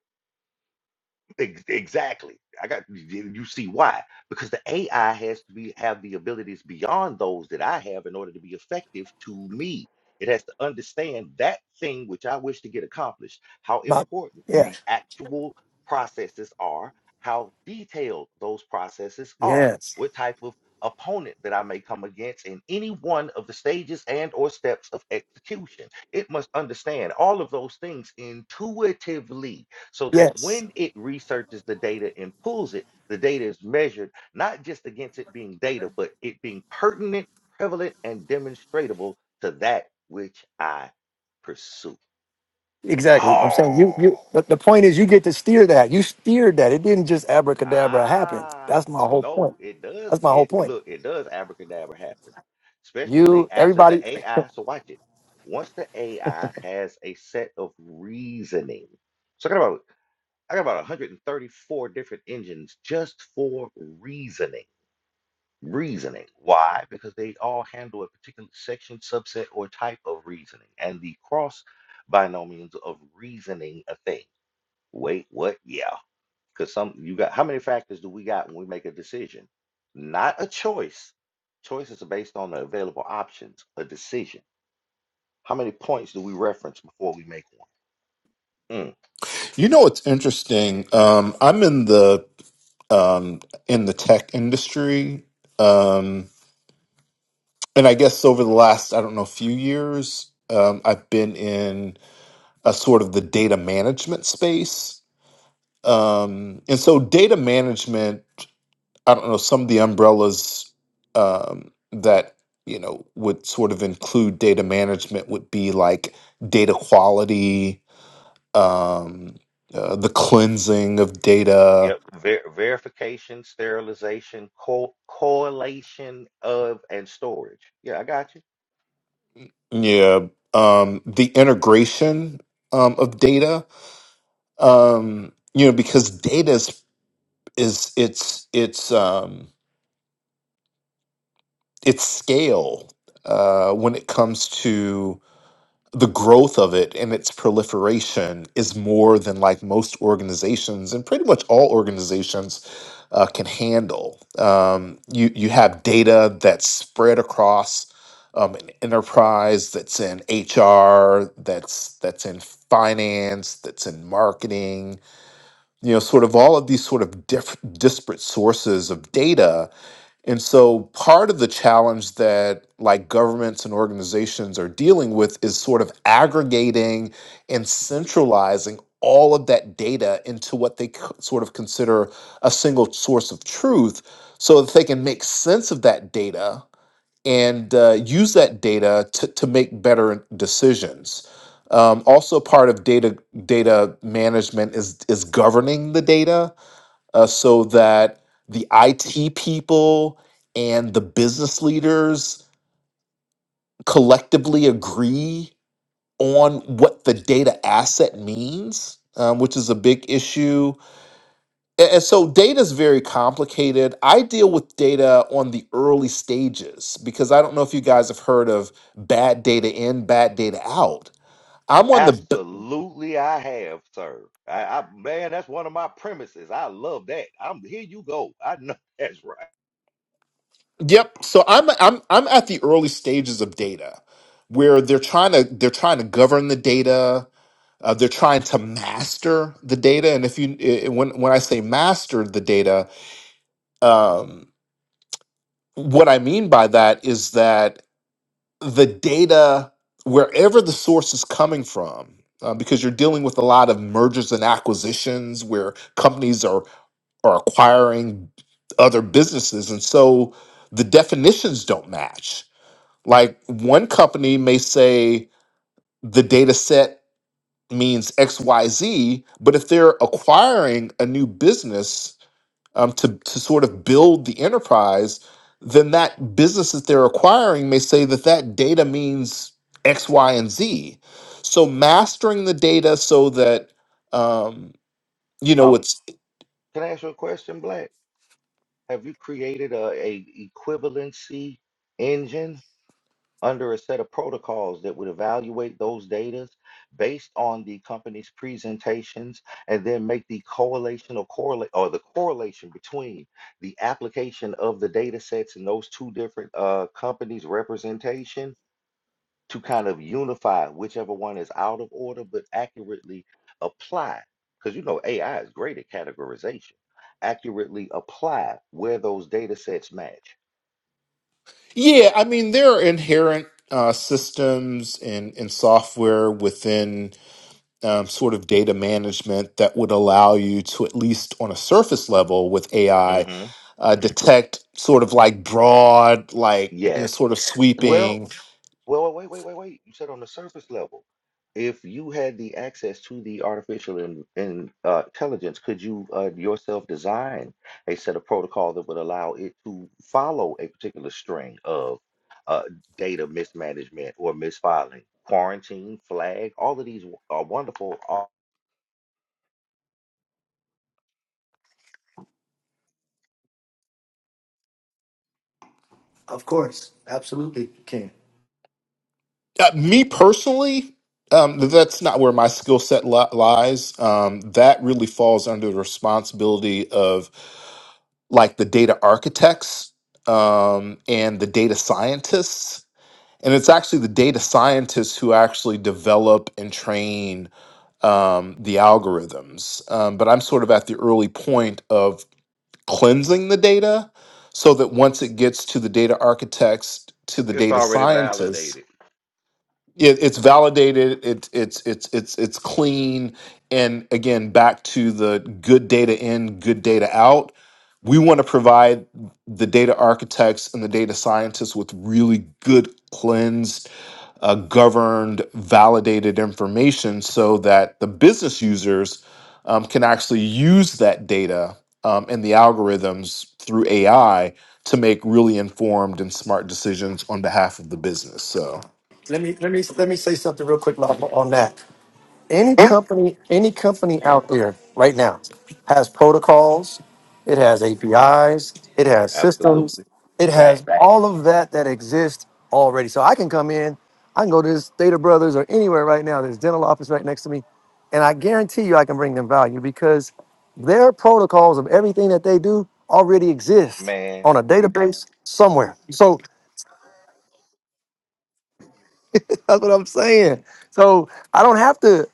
Speaker 1: Ex- Exactly. I got you you see why? Because the AI has to be have the abilities beyond those that I have in order to be effective to me. It has to understand that thing which I wish to get accomplished, how
Speaker 5: About,
Speaker 1: important
Speaker 5: yeah,
Speaker 1: the actual processes are, how detailed those processes are,
Speaker 5: yes,
Speaker 1: what type of opponent that I may come against in any one of the stages and or steps of execution. It must understand all of those things intuitively so that
Speaker 5: yes,
Speaker 1: when it researches the data and pulls it, the data is measured not just against it being data, but it being pertinent, prevalent, and demonstratable to that which I pursue.
Speaker 5: exactly. I'm saying you, you,
Speaker 1: Oh,
Speaker 5: but the point is you get to steer that. You steered that. It didn't just abracadabra happen.
Speaker 1: ah,
Speaker 5: That's my whole point.
Speaker 1: no, it does.
Speaker 5: That's my whole
Speaker 1: It
Speaker 5: point.
Speaker 1: look, it does abracadabra happen, especially
Speaker 5: You,
Speaker 1: after the
Speaker 5: everybody.
Speaker 1: AI. So watch it. Once the AI has a set of reasoning. So I got about 134 different engines just for reasoning. Reasoning. Why? Because they all handle a particular section, subset, or type of reasoning. And the cross binomials of reasoning a thing. Wait, what? Yeah. Because some you got how many factors do we got when we make a decision? Not a choice. Choices are based on the available options, a decision. How many points do we reference before we make one? Mm.
Speaker 7: You know what's interesting? Um, I'm in the um, in the tech industry, um, and I guess over the last I don't know few years, um, I've been in a sort of the data management space. Um, and so, data management, I don't know some of the umbrellas um, that you know would sort of include data management would be like data quality, um, uh, the cleansing of data
Speaker 1: Yep. Ver verification, sterilization, co correlation of, and storage. Yeah, I got you.
Speaker 7: Yeah, um, the integration um, of data, um, you know, because data is, is its its um, its scale uh, when it comes to the growth of it and its proliferation is more than like most organizations and pretty much all organizations uh, can handle. Um, you you have data that's spread across um, an enterprise that's in HR, that's that's in finance, that's in marketing. You know, sort of all of these sort of diff- disparate sources of data and so part of the challenge that like governments and organizations are dealing with is sort of aggregating and centralizing all of that data into what they c- sort of consider a single source of truth so that they can make sense of that data and uh, use that data to, to make better decisions. Um, also, part of data data management is is governing the data uh, so that the IT people and the business leaders collectively agree on what the data asset means, um, which is a big issue. A- And so data is very complicated. I deal with data on the early stages because I don't know if you guys have heard of bad data in, bad data out. I'm on the b-
Speaker 1: Absolutely, I have, sir. I, I man, that's one of my premises. I love that. I'm here. You go. I know *laughs* that's right.
Speaker 7: yep. So I'm I'm I'm at the early stages of data where they're trying to they're trying to govern the data Uh, they're trying to master the data, and if you i- when when I say master the data, um, what I mean by that is that the data, wherever the source is coming from, uh, because you're dealing with a lot of mergers and acquisitions where companies are are acquiring other businesses, and so the definitions don't match. Like one company may say the data set means XYZ, but if they're acquiring a new business um, to, to sort of build the enterprise, then that business that they're acquiring may say that that data means X, Y, and Z. So mastering the data so that, um, you know,
Speaker 1: Um,
Speaker 7: it's,
Speaker 1: can I ask you a question, Black? Have you created a, a equivalency engine? under a set of protocols that would evaluate those data based on the company's presentations and then make the correlation or correlate or the correlation between the application of the data sets and those two different uh, companies representation to kind of unify whichever one is out of order but accurately apply because you know AI is great at categorization accurately apply where those data sets match.
Speaker 7: yeah, I mean, there are inherent uh, systems and, and software within um, sort of data management that would allow you to, at least on a surface level with AI,
Speaker 1: hmm
Speaker 7: uh, detect sort of like broad, like you know,
Speaker 1: Yes.
Speaker 7: sort of
Speaker 1: Well,
Speaker 7: sweeping.
Speaker 1: Well, wait, wait, wait, wait. You said on the surface level, if you had the access to the artificial in, in, uh, intelligence, could you uh, yourself design a set of protocol that would allow it to follow a particular string of uh, data mismanagement or misfiling, quarantine, flag? All of these are wonderful. all-
Speaker 5: Of course, absolutely, King.
Speaker 7: Uh, me personally, um, th- that's not where my skill set li- lies. Um, that really falls under the responsibility of like the data architects um, and the data scientists. And it's actually the data scientists who actually develop and train um, the algorithms. Um, but I'm sort of at the early point of. cleansing the data so that once it gets to the data architects to the
Speaker 1: It's
Speaker 7: data
Speaker 1: already
Speaker 7: scientists
Speaker 1: validated.
Speaker 7: it, it's validated it, it's it's it's it's clean and again back to the good data in good data out we want to provide the data architects and the data scientists with really good cleansed uh, governed, validated information so that the business users um, can actually use that data um, and the algorithms through AI to make really informed and smart decisions on behalf of the business. So,
Speaker 5: Let me, let me, let me say something real quick Lawful, on that. any
Speaker 7: yeah,
Speaker 5: company any company out there right now has protocols it has apis it has systems
Speaker 1: Absolutely.
Speaker 5: it
Speaker 1: Fact,
Speaker 5: has all of that that exists already so i can come in i can go to this data brothers or anywhere right now there's dental office right next to me and i guarantee you i can bring them value because their protocols of everything that they do already exist
Speaker 1: man.
Speaker 5: on a database somewhere so That's what I'm saying. So I don't have to.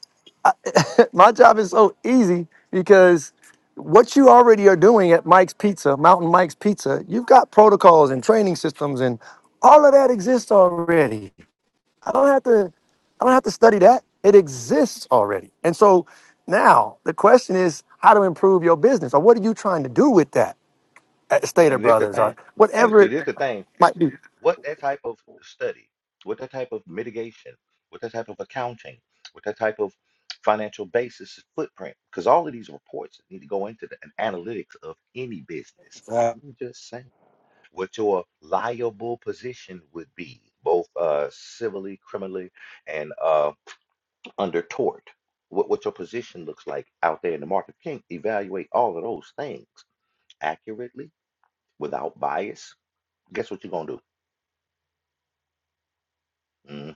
Speaker 5: I, *laughs* my job is so easy because what you already are doing at Mike's Pizza, Mountain Mike's Pizza, you've got protocols and training systems, and all of that exists already. I don't have to. I don't have to study that. It exists already. And so now the question is how to improve your business, or what are you trying to do with that at Stater
Speaker 1: And this the
Speaker 5: Brothers, or
Speaker 1: thing. And
Speaker 5: whatever
Speaker 1: see,
Speaker 5: it
Speaker 1: this the thing.
Speaker 5: might be.
Speaker 1: What that type of study, what that type of mitigation, what that type of accounting, what that type of financial basis footprint, because all of these reports need to go into the an analytics of any business.
Speaker 5: Uh,
Speaker 1: I'm just saying what your liable position would be, both uh, civilly, criminally, and uh, under tort. What, what your position looks like out there in the market. You can't evaluate all of those things accurately without bias. Guess what you're going to do? Mhm.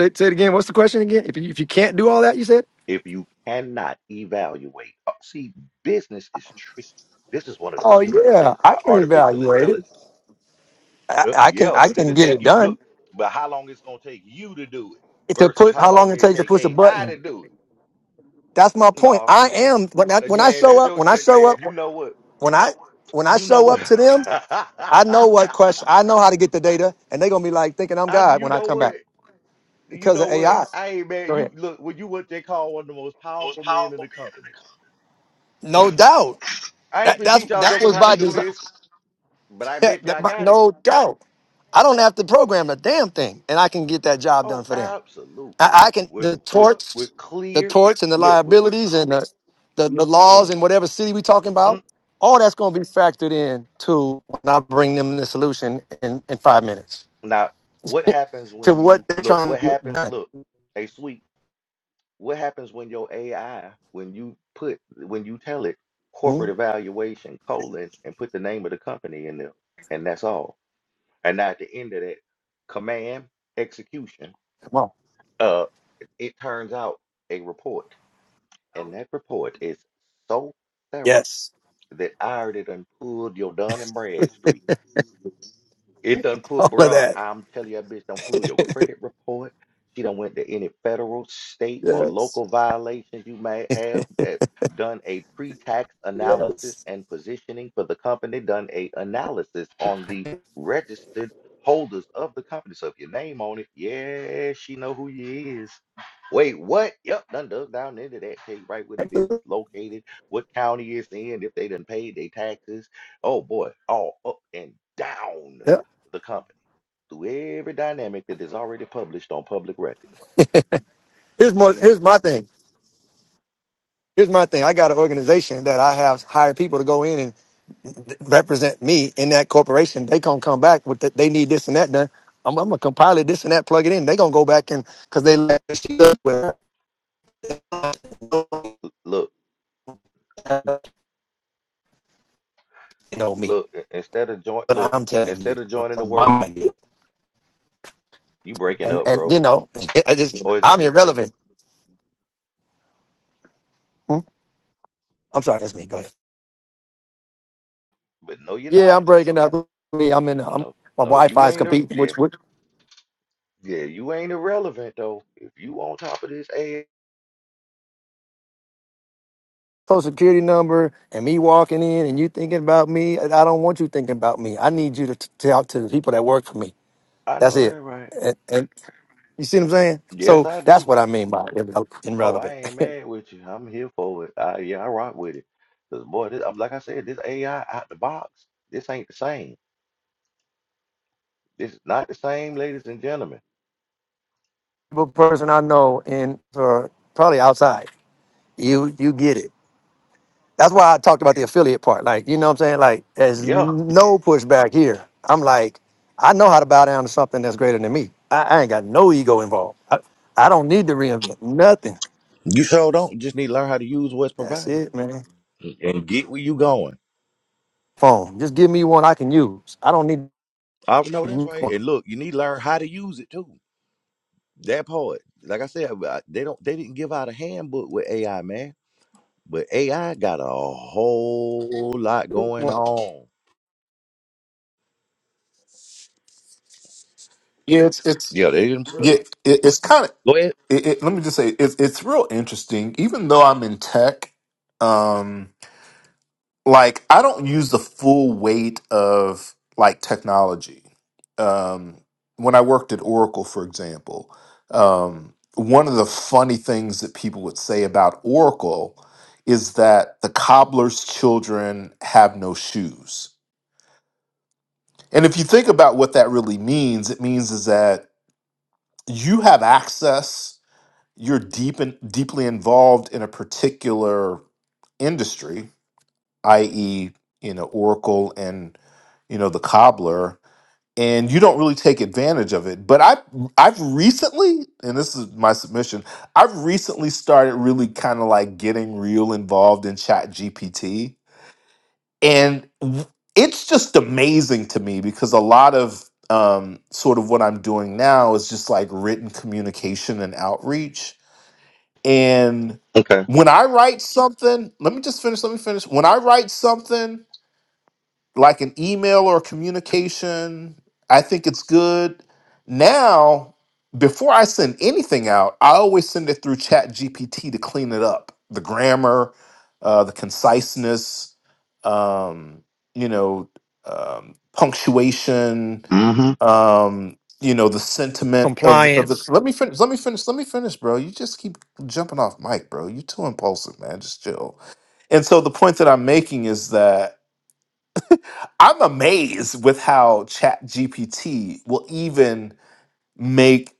Speaker 5: Say, say it again. What's the question again? If you, if you can't do all that, you said.
Speaker 1: if you cannot evaluate, uh, see, business is tricky. This is one of the
Speaker 5: Oh
Speaker 1: beautiful
Speaker 5: yeah,
Speaker 1: things
Speaker 5: I
Speaker 1: about
Speaker 5: can
Speaker 1: artificial
Speaker 5: evaluate it.
Speaker 1: intelligence.
Speaker 5: I,
Speaker 1: Well,
Speaker 5: I can
Speaker 1: yeah,
Speaker 5: I
Speaker 1: but
Speaker 5: can
Speaker 1: it'll
Speaker 5: get
Speaker 1: take
Speaker 5: it
Speaker 1: you look,
Speaker 5: done.
Speaker 1: but how long it's gonna take you to do it
Speaker 5: To
Speaker 1: versus
Speaker 5: put
Speaker 1: how
Speaker 5: how long
Speaker 1: long
Speaker 5: it
Speaker 1: it
Speaker 5: takes to
Speaker 1: take
Speaker 5: push a
Speaker 1: AI
Speaker 5: button.
Speaker 1: to do it.
Speaker 5: That's my point.
Speaker 1: No,
Speaker 5: I
Speaker 1: see, they ain't
Speaker 5: am when I
Speaker 1: uh,
Speaker 5: when I
Speaker 1: man,
Speaker 5: show
Speaker 1: that's
Speaker 5: up
Speaker 1: your
Speaker 5: when I
Speaker 1: uh,
Speaker 5: show up
Speaker 1: you know what?
Speaker 5: when I when I
Speaker 1: You know
Speaker 5: show
Speaker 1: what?
Speaker 5: up to
Speaker 1: *laughs*
Speaker 5: them. I know what question. I know how to get the data, and they're gonna be like thinking I'm
Speaker 1: I do
Speaker 5: God when
Speaker 1: you
Speaker 5: I
Speaker 1: know
Speaker 5: come back
Speaker 1: what? You
Speaker 5: because of
Speaker 1: know what?
Speaker 5: AI.
Speaker 1: I ain't man,
Speaker 5: Go
Speaker 1: you
Speaker 5: ahead.
Speaker 1: look when you what they call one of the most powerful men in the company. *laughs*
Speaker 5: No doubt.
Speaker 1: I ain't
Speaker 5: That
Speaker 1: been
Speaker 5: that's
Speaker 1: teach y'all
Speaker 5: that
Speaker 1: jokers
Speaker 5: was
Speaker 1: how to
Speaker 5: by
Speaker 1: do
Speaker 5: design.
Speaker 1: this, but I
Speaker 5: *laughs*
Speaker 1: bet you
Speaker 5: that,
Speaker 1: I
Speaker 5: my-
Speaker 1: got it.
Speaker 5: no doubt. I don't have to program a damn thing, and I can get that job
Speaker 1: Oh,
Speaker 5: done for them.
Speaker 1: absolutely.
Speaker 5: I, I can
Speaker 1: With
Speaker 5: the
Speaker 1: with
Speaker 5: torts,
Speaker 1: with
Speaker 5: the
Speaker 1: clear
Speaker 5: torts and the
Speaker 1: look with
Speaker 5: liabilities and the, the the laws
Speaker 1: mm,
Speaker 5: in whatever city we talking about.
Speaker 1: mm.
Speaker 5: All that's going to be factored in to when I bring them the solution in, in five minutes
Speaker 1: Now, what happens
Speaker 5: to
Speaker 1: when you
Speaker 5: what they're
Speaker 1: look,
Speaker 5: trying
Speaker 1: what
Speaker 5: to get
Speaker 1: happens,
Speaker 5: done.
Speaker 1: look, hey sweet, what happens when your AI, when you put when you tell it
Speaker 5: Hmm?
Speaker 1: corporate evaluation colon and put the name of the company in there, and that's all. And now at the end of that command execution,
Speaker 5: Come on.
Speaker 1: uh it turns out a report, and that report is so thorough
Speaker 5: Yes.
Speaker 1: that ironed it and pulled your Dun and Bradstreet. It done
Speaker 5: *laughs*
Speaker 1: pull,
Speaker 5: All of
Speaker 1: bruh.
Speaker 5: that.
Speaker 1: I'm telling you, that bitch don't pull your credit report. She done went to any federal, state, or
Speaker 5: Yes.
Speaker 1: local violations you may have. eh, Done a pre-tax analysis
Speaker 5: Yes.
Speaker 1: and positioning for the company. Done a analysis on the registered holders of the company. So if your name on it, yeah, she know who you is. Wait, what? Yep, done dug down into that. Tell you right where the business located, what county it's in, if they done paid their taxes. Oh boy, all up and down
Speaker 5: Yeah.
Speaker 1: the company through every dynamic that is already published on public record.
Speaker 5: Here's more. Here's my thing. Here's my thing. I got an organization that I have hired people to go in th- represent me in that corporation, they gonna come back with the, they need this and that done. I'm, I'm gonna compile it, this and that, plug it in. They gonna go back and because they let this shit up where you
Speaker 1: L- Look,
Speaker 5: know me.
Speaker 1: look, i- instead of joint
Speaker 5: But
Speaker 1: look,
Speaker 5: I'm telling you,
Speaker 1: instead of joining the
Speaker 5: from my
Speaker 1: work,
Speaker 5: mind,
Speaker 1: you breaking
Speaker 5: and
Speaker 1: up,
Speaker 5: and
Speaker 1: bro.
Speaker 5: you know, *laughs* I just
Speaker 1: Or is it
Speaker 5: I'm
Speaker 1: me?
Speaker 5: irrelevant. Hmm? I'm sorry, that's me. Go ahead.
Speaker 1: But no, you're
Speaker 5: Yeah,
Speaker 1: not.
Speaker 5: I'm breaking up. Me, I'm in. I'm,
Speaker 1: No,
Speaker 5: my
Speaker 1: no,
Speaker 5: wi
Speaker 1: you
Speaker 5: fi is
Speaker 1: ain't a
Speaker 5: competing
Speaker 1: yeah,
Speaker 5: with, with
Speaker 1: yeah, you ain't irrelevant though. If you on top of this A,
Speaker 5: social security number and me walking in and you thinking about me. And I don't want you thinking about me. I need you to t- talk to the people that work for me.
Speaker 1: I
Speaker 5: That's
Speaker 1: know
Speaker 5: it.
Speaker 1: that right.
Speaker 5: And, and You see what I'm saying?
Speaker 1: Yes,
Speaker 5: So
Speaker 1: I
Speaker 5: that's
Speaker 1: do.
Speaker 5: what I mean by irre-
Speaker 1: Oh, I
Speaker 5: irrelevant.
Speaker 1: ain't mad
Speaker 5: *laughs*
Speaker 1: with you. I'm here for it. I yeah, I rock with it. Cause boy, this, I'm- like I said, this AI out the box, this ain't the same. This is not the same, ladies and gentlemen.
Speaker 5: Every person I know in or probably outside, you you get it. That's why I talked about the
Speaker 1: And
Speaker 5: affiliate part. Like you know what I'm saying? Like there's
Speaker 1: yeah.
Speaker 5: no pushback here. I'm like, I know how to bow down to something that's greater than me. I, I ain't got no ego involved. I, I don't need to reinvent nothing.
Speaker 1: You sure don't. You just need to learn how to use what's
Speaker 5: That's
Speaker 1: provided
Speaker 5: it, man.
Speaker 1: and get where you going.
Speaker 5: Phone. Just give me one I can use. I don't need
Speaker 1: I know
Speaker 5: to
Speaker 1: that's
Speaker 5: make
Speaker 1: right.
Speaker 5: one.
Speaker 1: And look, you need to learn how to use it too. That part, like I said, I- they don't. They didn't give out a handbook with AI, man. But AI got a whole lot going on.
Speaker 7: it's it's
Speaker 1: Yeah, they didn't. put-
Speaker 7: yeah, it, it's kind of.
Speaker 1: Go ahead.
Speaker 7: It, it, let me just say, it's it's real interesting. Even though I'm in tech, um, like I don't use the full weight of like technology. Um, when I worked at Oracle, for example, um, one of the funny things that people would say about Oracle is that the cobbler's children have no shoes. And if you think about what that really means, it means is that you have access, you're deep and deeply involved in a particular industry i.e., you know, Oracle and you know the cobbler, and you don't really take advantage of it. But I I've recently, and this is my submission, I've recently started really kind of like getting real involved in Chat GPT, and w- it's just amazing to me because a lot of um, sort of what I'm doing now is just like written communication and outreach, and
Speaker 1: Okay.
Speaker 7: when I write something, let me just finish. Let me finish. When I write something like an email or communication. I think it's good. Now, before I send anything out, I always send it through Chat GPT to clean it up. The grammar, uh, the conciseness, um, you know, um, punctuation,
Speaker 1: hmm
Speaker 7: um, you know, the sentiment of the, of the.
Speaker 5: compliance,
Speaker 7: Let me finish. Let me finish. Let me finish, bro. You just keep jumping off mic, bro. You're too impulsive, man. Just chill. And so the point that I'm making is that I'm amazed with how Chat GPT will even make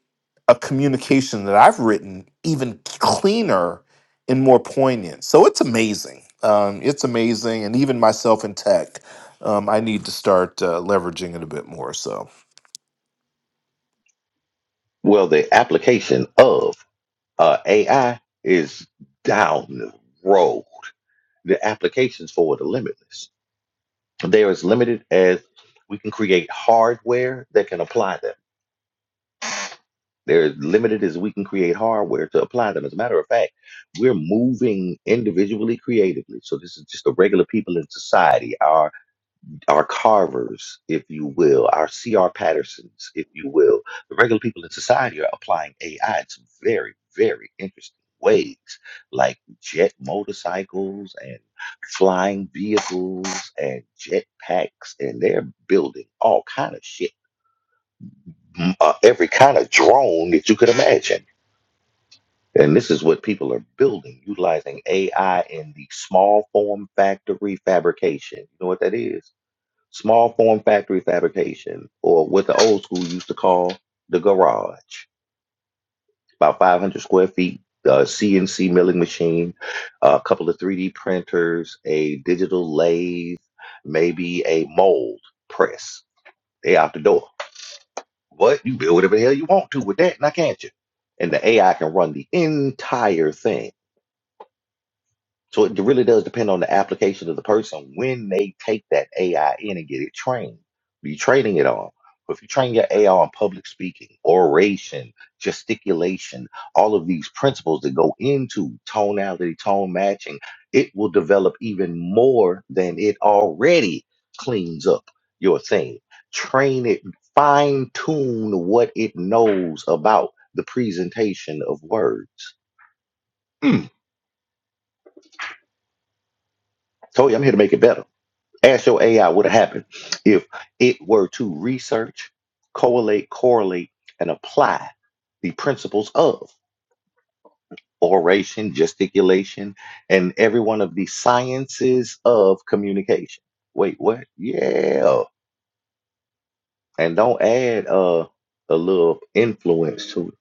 Speaker 7: a communication that I've written even cleaner and more poignant. So it's amazing. Um, it's amazing, and even myself in tech, um, I need to start uh, leveraging it a bit more. So,
Speaker 1: Well, the application of uh, AI is down the road. The applications for it are limitless. They are as limited as we can create hardware that can apply them. They're as limited as we can create hardware to apply them. As a matter of fact, we're moving individually creatively. So this is just the regular people in society our carvers, if you will, our C.R. Pattersons, if you will, the regular people in society are applying AI in some very, very interesting ways, like jet motorcycles and flying vehicles and jet packs, and they're building all kind of shit, m- uh, every kind of drone that you could imagine. And this is what people are building, utilizing AI in the small form factory fabrication. You know what that is? small form factory fabrication, or what the old school used to call the garage. About 500 square feet, uh, CNC milling machine, a couple of 3D printers, a digital lathe, maybe a mold press. They out the door. What? You build whatever the hell you want to with that, now can't you? And the AI can run the entire thing So it really does depend on the application of the person when they take that AI in and get it trained. What are you training it on? Well, If you train your AI on public speaking, oration, gesticulation, all of these principles that go into tonality, tone matching, it will develop even more than it already cleans up your thing. Train it, fine tune what it knows about the presentation of words. Mm. Told I'm here to make it better. Ask your AI what would happen if it were to research, collate, correlate, and apply the principles of oration, gesticulation, and every one of the sciences of communication. Wait, what? Yeah. And don't add uh, a little influence to it.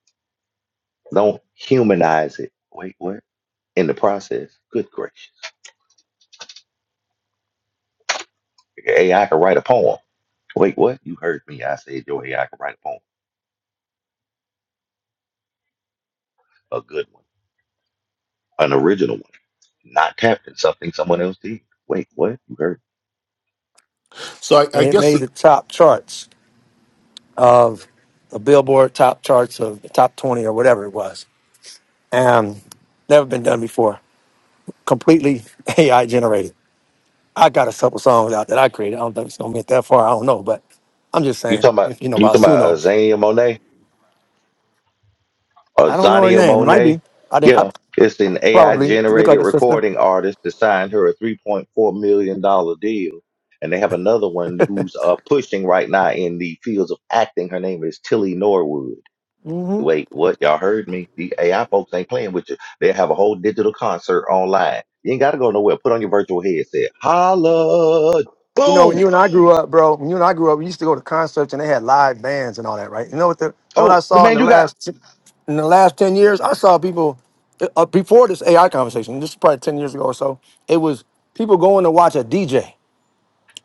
Speaker 1: Don't humanize it. Wait, what? In the process, good gracious. AI can write a poem. Wait, what? You heard me. I said your AI can write a poem. A good one. An original one not tapped in something someone else did. Wait, what? You heard?
Speaker 7: so I,
Speaker 5: and
Speaker 7: I
Speaker 5: it
Speaker 7: guess
Speaker 5: made
Speaker 7: it,
Speaker 5: the top charts. of the Billboard top charts of the top 20 or whatever it was. And never been done before. Completely *laughs* AI generated. I got a couple songs out that I created. I don't think it's going to get that far. I don't know. But I'm just
Speaker 1: You
Speaker 5: saying,
Speaker 1: talking about
Speaker 5: if you know
Speaker 1: you
Speaker 5: about
Speaker 1: talking about uh,
Speaker 5: Suno,
Speaker 1: Zania Monet or
Speaker 5: I don't know her
Speaker 1: Zania
Speaker 5: name. It might
Speaker 1: Monet?
Speaker 5: be. I, didn't, I
Speaker 1: Yeah, it's an AI
Speaker 5: probably look like
Speaker 1: generated
Speaker 5: a sister.
Speaker 1: recording artist that signed her a three point four million dollar deal, and they have another one who's uh, pushing right now in the fields of acting. Her name is Tilly Norwood.
Speaker 5: Mm-hmm.
Speaker 1: Wait, what? Y'all heard me? The AI folks ain't playing with you. They have a whole digital concert online. You ain't gotta go nowhere. Put on your virtual headset. Holla!
Speaker 5: You know, when
Speaker 1: Boom!
Speaker 5: you and I grew up, bro, when you and I grew up, we used to go to concerts and they had live bands and all that, right? You know what the, you know what I
Speaker 1: Oh, the
Speaker 5: saw in
Speaker 1: man,
Speaker 5: the
Speaker 1: you got
Speaker 5: last in the last ten years? I saw people uh, uh, before this AI conversation. This is probably ten years ago or so. It was people going to watch a DJ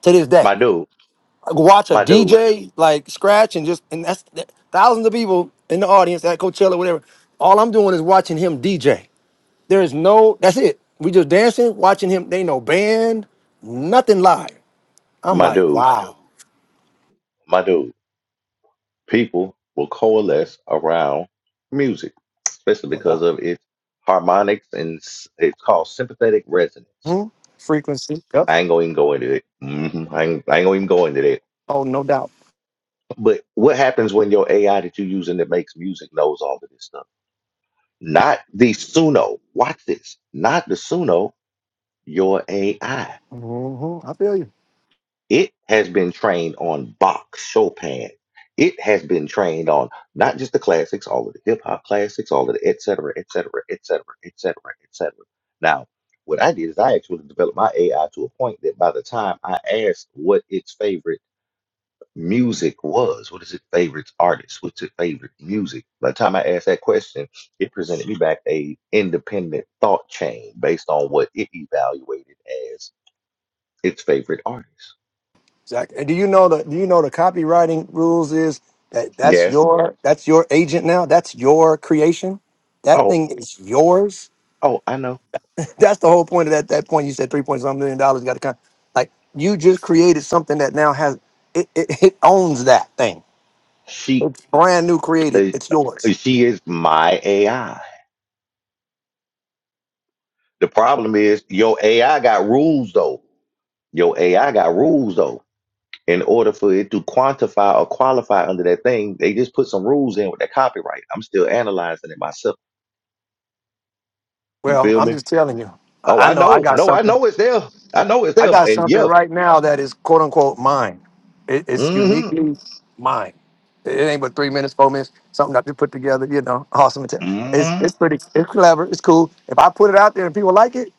Speaker 5: to this day.
Speaker 1: My dude,
Speaker 5: Like, Watch a
Speaker 1: my dude,
Speaker 5: DJ like scratch and just and that's that- thousands of people in the audience at Coachella, whatever. All I'm doing is watching him DJ. There is no that's it. We just dancing, watching him. They ain't no band, nothing live. I'm
Speaker 1: my
Speaker 5: like,
Speaker 1: dude,
Speaker 5: wow.
Speaker 1: my dude. People will coalesce around music, especially because of its harmonics and s- it's called sympathetic resonance.
Speaker 5: Mhm. Frequency. Yep.
Speaker 1: I ain't gonna even go into it. hmm I, ain't, I ain't gonna even go into that.
Speaker 5: Oh, no doubt.
Speaker 1: But what happens when your AI that you're using that makes music knows all of this stuff? Not the Suno. Watch this. Not the Suno. Your AI.
Speaker 5: hmm I feel you.
Speaker 1: It has been trained on Bach, Chopin. It has been trained on not just the classics, all of the hip hop classics, all of the et cetera, et cetera, et cetera, et cetera, et cetera. Now, what I did is I actually developed my AI to a point that by the time I asked what its favorite music was, what is its favorite artist, what's its favorite music, by the time I asked that question, it presented me back a independent thought chain based on what it evaluated as its favorite artist.
Speaker 5: Exactly. And do you know the do you know the copywriting rules is that that's
Speaker 1: Yes.
Speaker 5: your that's your agent now. That's your creation. That
Speaker 1: Oh.
Speaker 5: thing is yours.
Speaker 1: Oh, I know.
Speaker 5: *laughs* That's the whole point of that that point. You said three point something million dollars got to come. Like you just created something that now has it, it, it owns that thing.
Speaker 1: She
Speaker 5: It's brand new created.
Speaker 1: uh,
Speaker 5: It's
Speaker 1: uh,
Speaker 5: yours.
Speaker 1: she is my AI. The problem is your AI got rules though. Your AI got rules though. In order for it to quantify or qualify under that thing, they just put some rules in with that copyright. I'm still analyzing it myself. You
Speaker 5: Well,
Speaker 1: feel
Speaker 5: I'm
Speaker 1: me?
Speaker 5: just telling you.
Speaker 1: Oh,
Speaker 5: I, I
Speaker 1: I
Speaker 5: know I
Speaker 1: know.
Speaker 5: got
Speaker 1: No, I
Speaker 5: something.
Speaker 1: know it's there. I know it's
Speaker 5: I
Speaker 1: there.
Speaker 5: got
Speaker 1: And
Speaker 5: something
Speaker 1: yeah.
Speaker 5: right now that is quote unquote mine. It, it's
Speaker 1: Mm-hmm.
Speaker 5: uniquely mine. It ain't but three minutes, four minutes, something that you put together, you know, awesome. and tech. It's
Speaker 1: Mm-hmm.
Speaker 5: it's pretty, it's clever, it's cool. If I put it out there and people like it,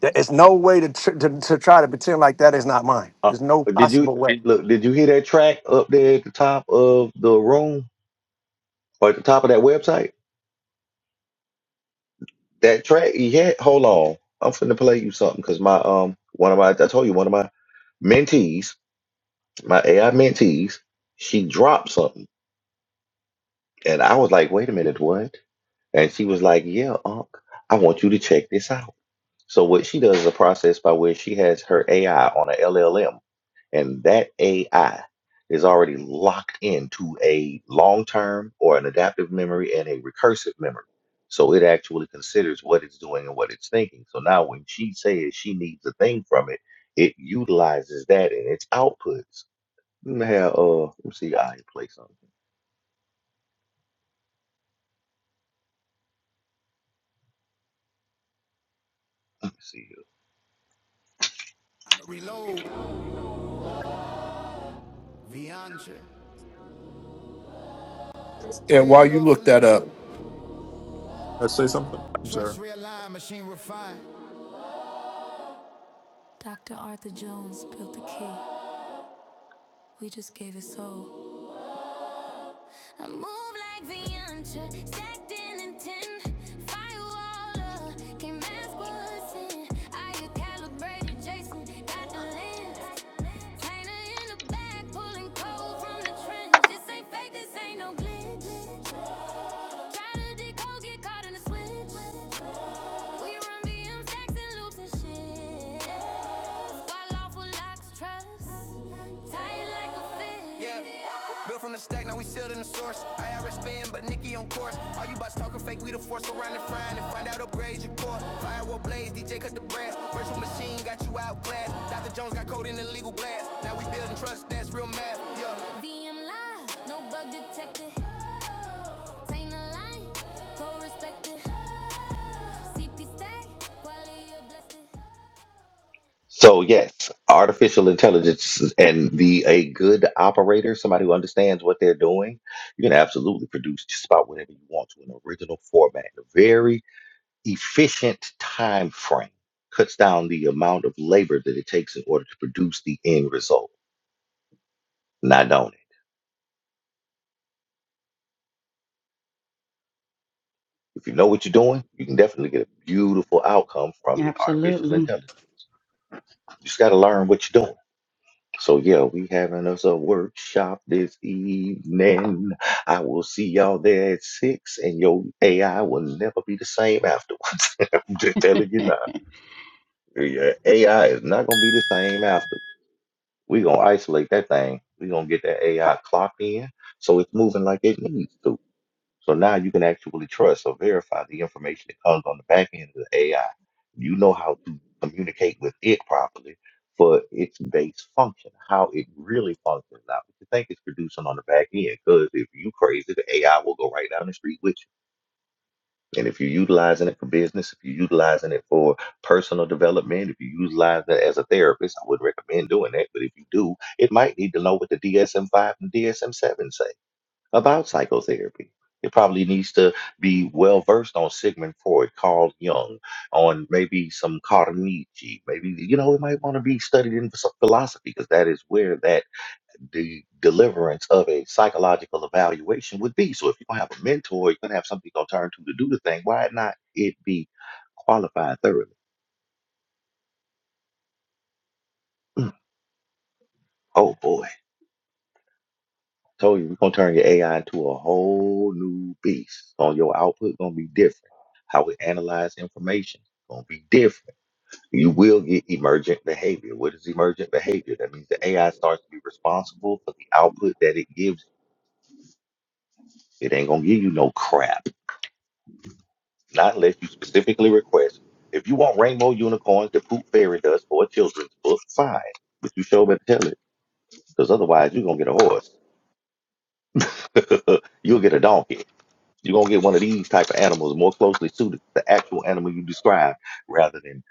Speaker 5: there is no way to, tr- to to try to pretend like that is not mine.
Speaker 1: Uh,
Speaker 5: There's no
Speaker 1: did you
Speaker 5: possible way.
Speaker 1: look? Did you hear that track up there at the top of the room or at the top of that website? That track he had. Hold on, I'm finna play you something because my um one of my I told you one of my mentees, my AI mentees, she dropped something, and I was like, wait a minute, what? And she was like, yeah, Unc, I want you to check this out. So what she does is a process by which she has her AI on a LLM, and that AI is already locked into a long-term or an adaptive memory and a recursive memory. So it actually considers what it's doing and what it's thinking. So now when she says she needs a thing from it, it utilizes that in its outputs. Let have, uh, let me see, I play something. Let me see.
Speaker 8: reload, Viandre.
Speaker 7: yeah,
Speaker 8: I
Speaker 7: while you look
Speaker 8: lawfully
Speaker 7: that up,
Speaker 8: wrote,
Speaker 7: uh, say something. I'm sorry.
Speaker 8: trust realign, machine refined. Dr. Arthur Jones built the key. We just gave it soul. I move like Viantra, stacked in intent. Firewall up, can't mask what's in. I get calibrated, Jason, got the lens. Tainer in the back, pulling cold from the trench. This ain't fake, this ain't no glitch. Try to decode, get caught in the switch. We run BMX and loops and shit. Wild off locks, trucks. Tie like a fish. Yeah, built from the stack, now we sealed in the source. IRS spin, but Nicki on course. All you bots talking fake, we the force around and frying and find out upgrades your core. Firewall blaze, DJ cut the brass. Virtual machine got you outclassed. Dr. Jones got code in illegal blast. Now we building trust, that's real math. Yeah. DM live, no bug detected. Taint a line, co respected. CP stack, quality of blessed.
Speaker 1: So yes, artificial intelligence and the a good operator, somebody who understands what they're doing, you can absolutely produce just about whatever you want to in an original format, in a very efficient time frame. Cuts down the amount of labor that it takes in order to produce the end result. Not on it. If you know what you're doing, you can definitely get a beautiful outcome from the artificial
Speaker 9: Absolutely.
Speaker 1: intelligence. You just got to learn what you're doing. So yeah, we having us a workshop this evening. I will see y'all there at six, and your AI will never be the same afterwards. *laughs* I'm just telling you
Speaker 9: *laughs*
Speaker 1: now. Your AI is not gonna be the same afterwards. We're gonna isolate that thing. We're gonna get that AI clocked in so it's moving like it needs to. So now you can actually trust or verify the information that comes on the back end of the AI. You know how to communicate with it properly for its base function, how it really functions, not what you think it's producing on the back end. Because if you crazy, the AI will go right down the street with you. And if you're utilizing it for business, if you're utilizing it for personal development, if you utilize it as a therapist, I wouldn't recommend doing that. But if you do, it might need to know what the DSM-5 and DSM-7 say about psychotherapy. It probably needs to be well versed on Sigmund Freud, Carl Jung, on maybe some Carnegie. Maybe, you know, it might want to be studied in phis- philosophy because that is where that the deliverance of a psychological evaluation would be. So if you're going to have a mentor, you're going to have something you're going to turn to to do the thing, why not it be qualified thoroughly? Mm, Oh boy. Told you, we are gonna turn your AI into a whole new beast. So your output gonna be different. How we analyze information gonna be different. You will get emergent behavior. What is emergent behavior? That means the AI starts to be responsible for the output that it gives. It ain't gonna give you no crap, not unless you specifically request. If you want rainbow unicorns to poop fairy dust for a children's book, fine. But you sure better tell it, because otherwise you're gonna get a horse. *laughs* You'll get a donkey. You're gonna get one of these type of animals more closely suited to the actual animal you describe rather than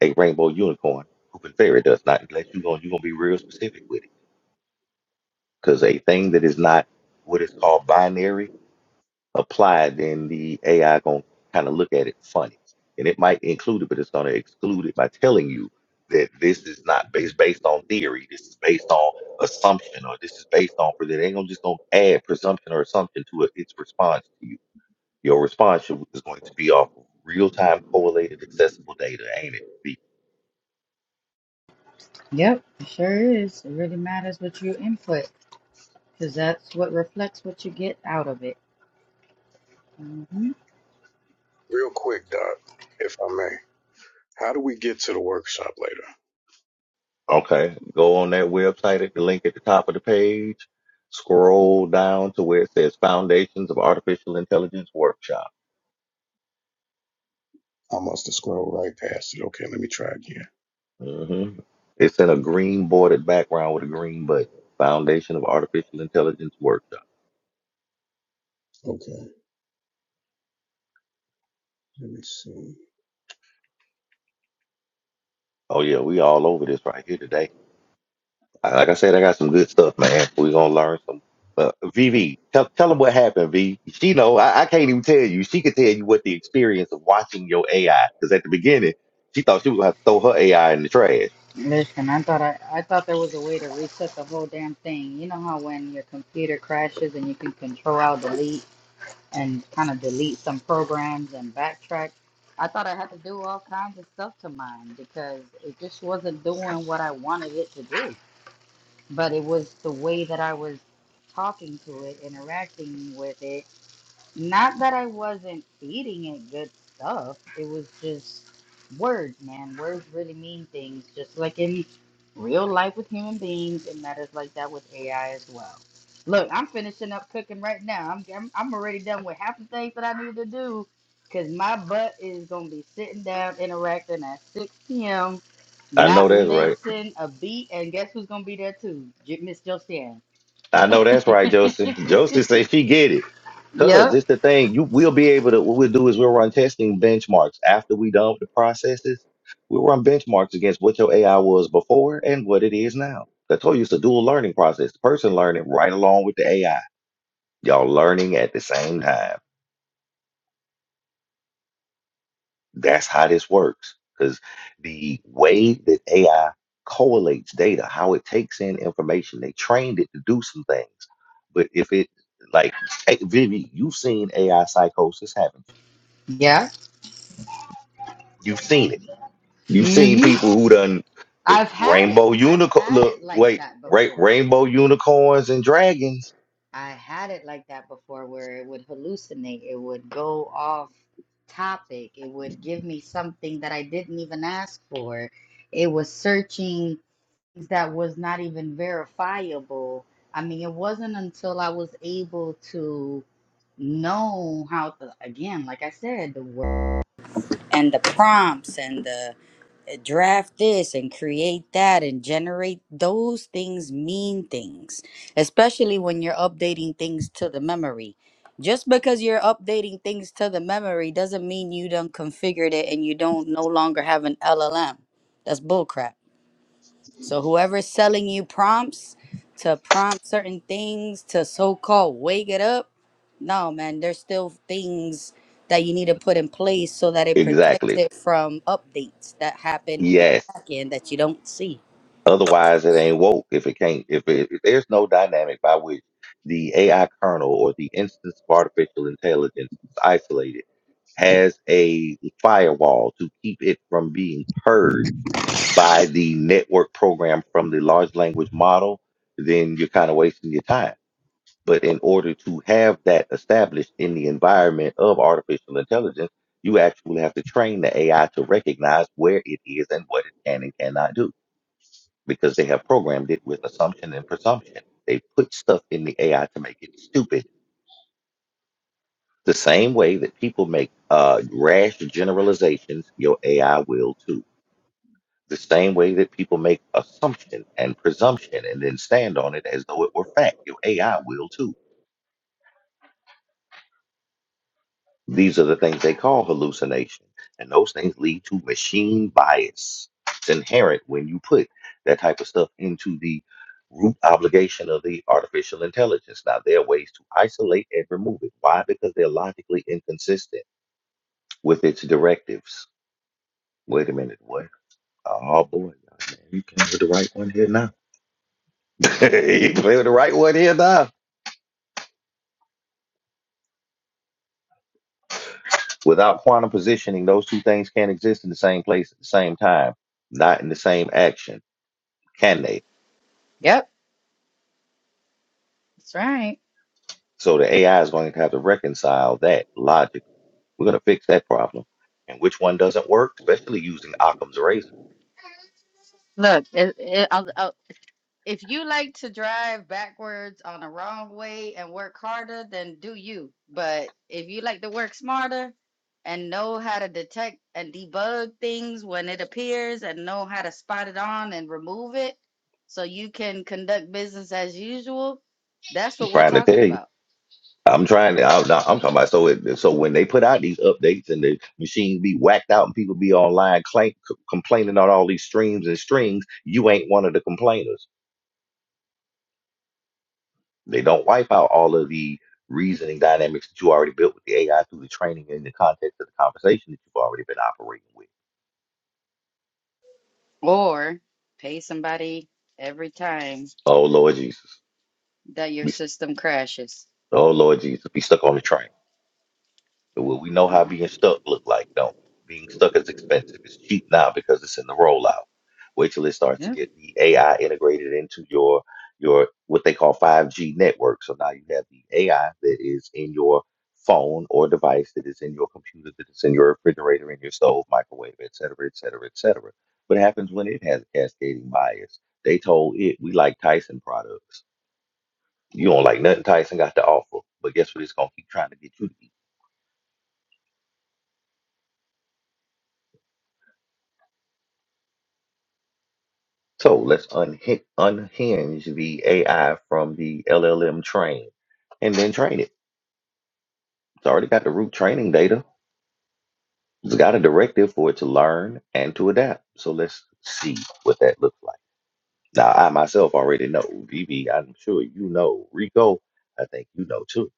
Speaker 1: a rainbow unicorn who can fairy dust. Not unless you're gonna you're gonna be real specific with it. Because a thing that is not what is called binary applied, then the AI gonna kind of look at it funny. And it might include it, but it's gonna exclude it by telling you that this is not based based on theory. This is based on assumption, or this is based on. but They ain't gonna just gonna add presumption or assumption to it, its response to you your response should- is going to be off real time correlated accessible data, ain't it? Be-
Speaker 9: Yep, it sure is. It really matters what you input because that's what reflects what you get out of it. hmm
Speaker 6: Real quick, Doc, if I may. How do we get to the workshop later?
Speaker 1: Okay. Go on that website at the link at the top of the page. Scroll down to where it says Foundations of Artificial Intelligence Workshop.
Speaker 6: I must have scrolled right past it. Okay, let me try again.
Speaker 1: hmm It's in a green bordered background with a green button. Foundation of Artificial Intelligence Workshop.
Speaker 6: Okay, let me see.
Speaker 1: Oh, yeah, we all over this right here today. I- Like I said, I got some good stuff, man. We're gonna learn some. Uh, VV, tell tell them what happened. V, she know I, I can't even tell you. She could tell you what the experience of watching your AI because at the beginning she thought she was gonna have to throw her AI in the trash.
Speaker 9: Listen, I thought I, I thought there was a way to reset the whole damn thing. You know how when your computer crashes and you can control out delete and kind of delete some programs and backtrack. I thought I had to do all kinds of stuff to mine because it just wasn't doing what I wanted it to do. But it was the way that I was talking to it, interacting with it Not that I wasn't feeding it good stuff. It was just words, man. Words really mean things. Just like in real life with human beings, it matters like that with AI as well. Look, I'm finishing up cooking right now. I'm I'm, I'm already done with half the things that I need to do because my butt is gonna be sitting down interacting at 6 p.m.
Speaker 1: I know
Speaker 9: Not
Speaker 1: that's right.
Speaker 9: missing a beat, and guess who's gonna be there too? J- Miss Josiane.
Speaker 1: I know that's right, Josie. Josie
Speaker 9: *laughs*
Speaker 1: say she get it. Cause
Speaker 9: yep,
Speaker 1: it's the thing. You we'll be able to what we'll do is we'll run testing benchmarks after we done with the processes. We'll run benchmarks against what your AI was before and what it is now. I told you it's a dual learning process. The person learning right along with the AI. Y'all learning at the same time. That's how this works. Because the way that AI correlates data, how it takes in information, they trained it to do some things. But if it, like, hey, Vivi, you've seen AI psychosis, haven't you?
Speaker 9: Yeah.
Speaker 1: You've seen it. You've seen
Speaker 9: hmm
Speaker 1: people who done the
Speaker 9: I've had
Speaker 1: rainbow
Speaker 9: it. I've
Speaker 1: unicorn.
Speaker 9: had
Speaker 1: Look,
Speaker 9: it like
Speaker 1: wait,
Speaker 9: that
Speaker 1: right,
Speaker 9: before.
Speaker 1: rainbow unicorns and dragons.
Speaker 9: I had it like that before where it would hallucinate. It would go off topic. It would give me something that I didn't even ask for. It was searching things that was not even verifiable. I mean, it wasn't until I was able to know how to, again, like I said, the word and the prompts and the draft this and create that and generate those things mean things especially when you're updating things to the memory just because you're updating things to the memory doesn't mean you done configured it and you don't no longer have an llm that's bullcrap so whoever's selling you prompts to prompt certain things to so-called wake it up, no man, there's still things that you need to put in place so that it protects
Speaker 1: Exactly.
Speaker 9: it from updates that happen in
Speaker 1: Yes.
Speaker 9: the back end that you don't see.
Speaker 1: Otherwise, it ain't woke. If it can't, if, it, if there's no dynamic by which the AI kernel or the instance of artificial intelligence is isolated, has a firewall to keep it from being purged by the network program from the large language model, then you're kind of wasting your time. But in order to have that established in the environment of artificial intelligence, you actually have to train the AI to recognize where it is and what it can and cannot do because they have programmed it with assumption and presumption. They put stuff in the AI to make it stupid. The same way that people make uh, rash generalizations, your AI will too. The same way that people make assumption and presumption and then stand on it as though it were fact, your AI will too These are the things they call hallucination, and those things lead to machine bias. It's inherent when you put that type of stuff into the root obligation of the artificial intelligence. Now, there are ways to isolate and remove it. Why? Because they're logically inconsistent with its directives. Wait a minute, what? Oh boy, man, you playing with the right one here now. *laughs* you playing with the right one here now. Without quantum positioning, those two things can't exist in the same place at the same time, not in the same action, can they?
Speaker 9: Yep, that's right.
Speaker 1: So the AI is going to have to reconcile that logically. We're going to fix that problem. And which one doesn't work, especially using Occam's razor?
Speaker 9: Look, it, it, If you like to drive backwards on the wrong way and work harder, then do you. But if you like to work smarter and know how to detect and debug things when it appears and know how to spot it on and remove it so you can conduct business as usual, that's
Speaker 1: I'm
Speaker 9: what we're
Speaker 1: trying to
Speaker 9: talking
Speaker 1: tell you.
Speaker 9: about.
Speaker 1: I'm trying to. I'm, not- I'm talking about so. It, so when they put out these updates and the machines be whacked out and people be online claim, c- complaining on all these streams and strings, you ain't one of the complainers. They don't wipe out all of the reasoning dynamics that you already built with the AI through the training and the context of the conversation that you've already been operating with.
Speaker 9: Or pay somebody every time
Speaker 1: Oh Lord Jesus,
Speaker 9: that your
Speaker 1: we,
Speaker 9: system crashes.
Speaker 1: oh Lord Jesus, be stuck on the train. Well, we know
Speaker 9: Yeah.
Speaker 1: how being stuck look like, don't we? Being stuck is expensive. It's cheap now because it's in the rollout. Wait till it starts to
Speaker 9: Yeah.
Speaker 1: get the AI integrated into your your what they call 5G network. So now you have the AI that is in your phone or device that is in your computer, that is in your refrigerator, in your stove, microwave, et cetera, et cetera, et cetera. What happens when it has a cascading bias? They told it we like Tyson products. You don't like nothing Tyson got to offer, but guess what? It's gonna keep trying to get you to eat. So let's unhi- unhinge the AI from the LLM train and then train it. It's already got the root training data. It's got a directive for it to learn and to adapt. So let's see what that looks like. Now, I myself already know. Vivi, I'm sure you know. Rico, I think you know too.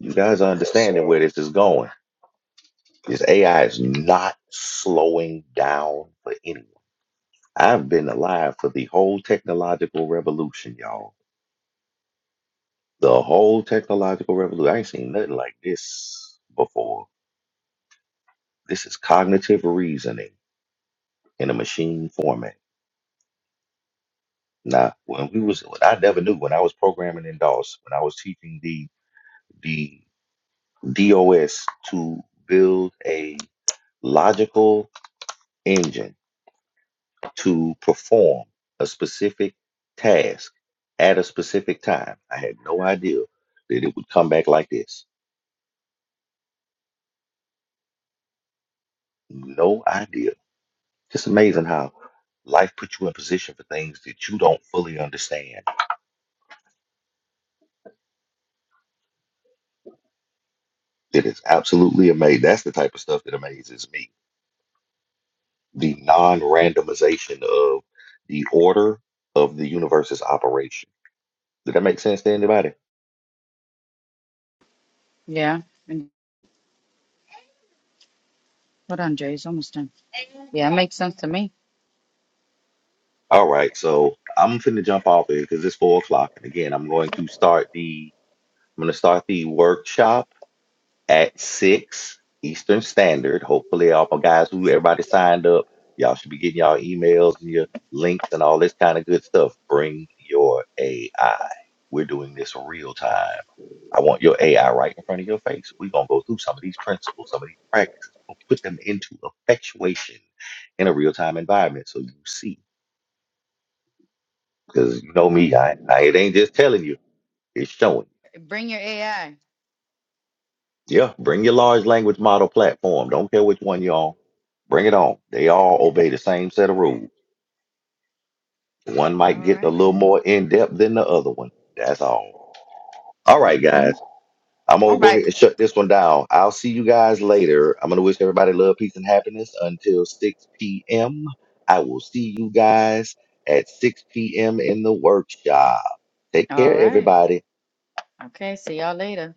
Speaker 1: You guys are
Speaker 6: Yes,
Speaker 1: understanding
Speaker 6: sir.
Speaker 1: where this is going. This AI is not slowing down for anyone. I've been alive for the whole technological revolution, y'all The whole technological revolution. I ain't seen nothing like this before. This is cognitive reasoning in a machine format. Now, when we was, what I never knew when I was programming in DOS, when I was teaching the the DOS to build a logical engine to perform a specific task at a specific time. I had no idea that it would come back like this. No idea It's amazing how life puts you in position for things that you don't fully understand. It is absolutely amazing. That's the type of stuff that amazes me. The non-randomization of the order of the universe's operation. Did that make sense to anybody?
Speaker 9: Yeah. And- Hold on, Jay. It's almost done. Yeah, it makes sense to me.
Speaker 1: All right, so I'm finna jump off here because it's four o'clock, and again, I'm going to start the I'm gonna start the workshop at six Eastern Standard. Hopefully, all my guys who everybody signed up, y'all should be getting y'all emails and your links and all this kind of good stuff. Bring your AI. We're doing this real time. I want your AI right in front of your face. We're gonna go through some of these principles, some of these practices, we'll put them into effectuation in a real time environment so you see. Because you know me, I, I it ain't just telling you, it's showing.
Speaker 9: Bring your AI.
Speaker 1: Yeah, bring your large language model platform. Don't care which one you on. Bring it on. They all obey the same set of rules. One might
Speaker 9: All
Speaker 1: get a
Speaker 9: right.
Speaker 1: little
Speaker 9: then.
Speaker 1: more in depth than the other one. That's all. All right,
Speaker 9: Mm-hmm.
Speaker 1: guys. I'm
Speaker 9: All
Speaker 1: gonna go ahead
Speaker 9: right.
Speaker 1: and shut this one down. I'll see you guys later. I'm gonna wish everybody love, peace, and happiness until 6 p.m. I will see you guys at 6 p.m. in the workshop. Take
Speaker 9: All
Speaker 1: care,
Speaker 9: right.
Speaker 1: everybody.
Speaker 9: Okay. See y'all later.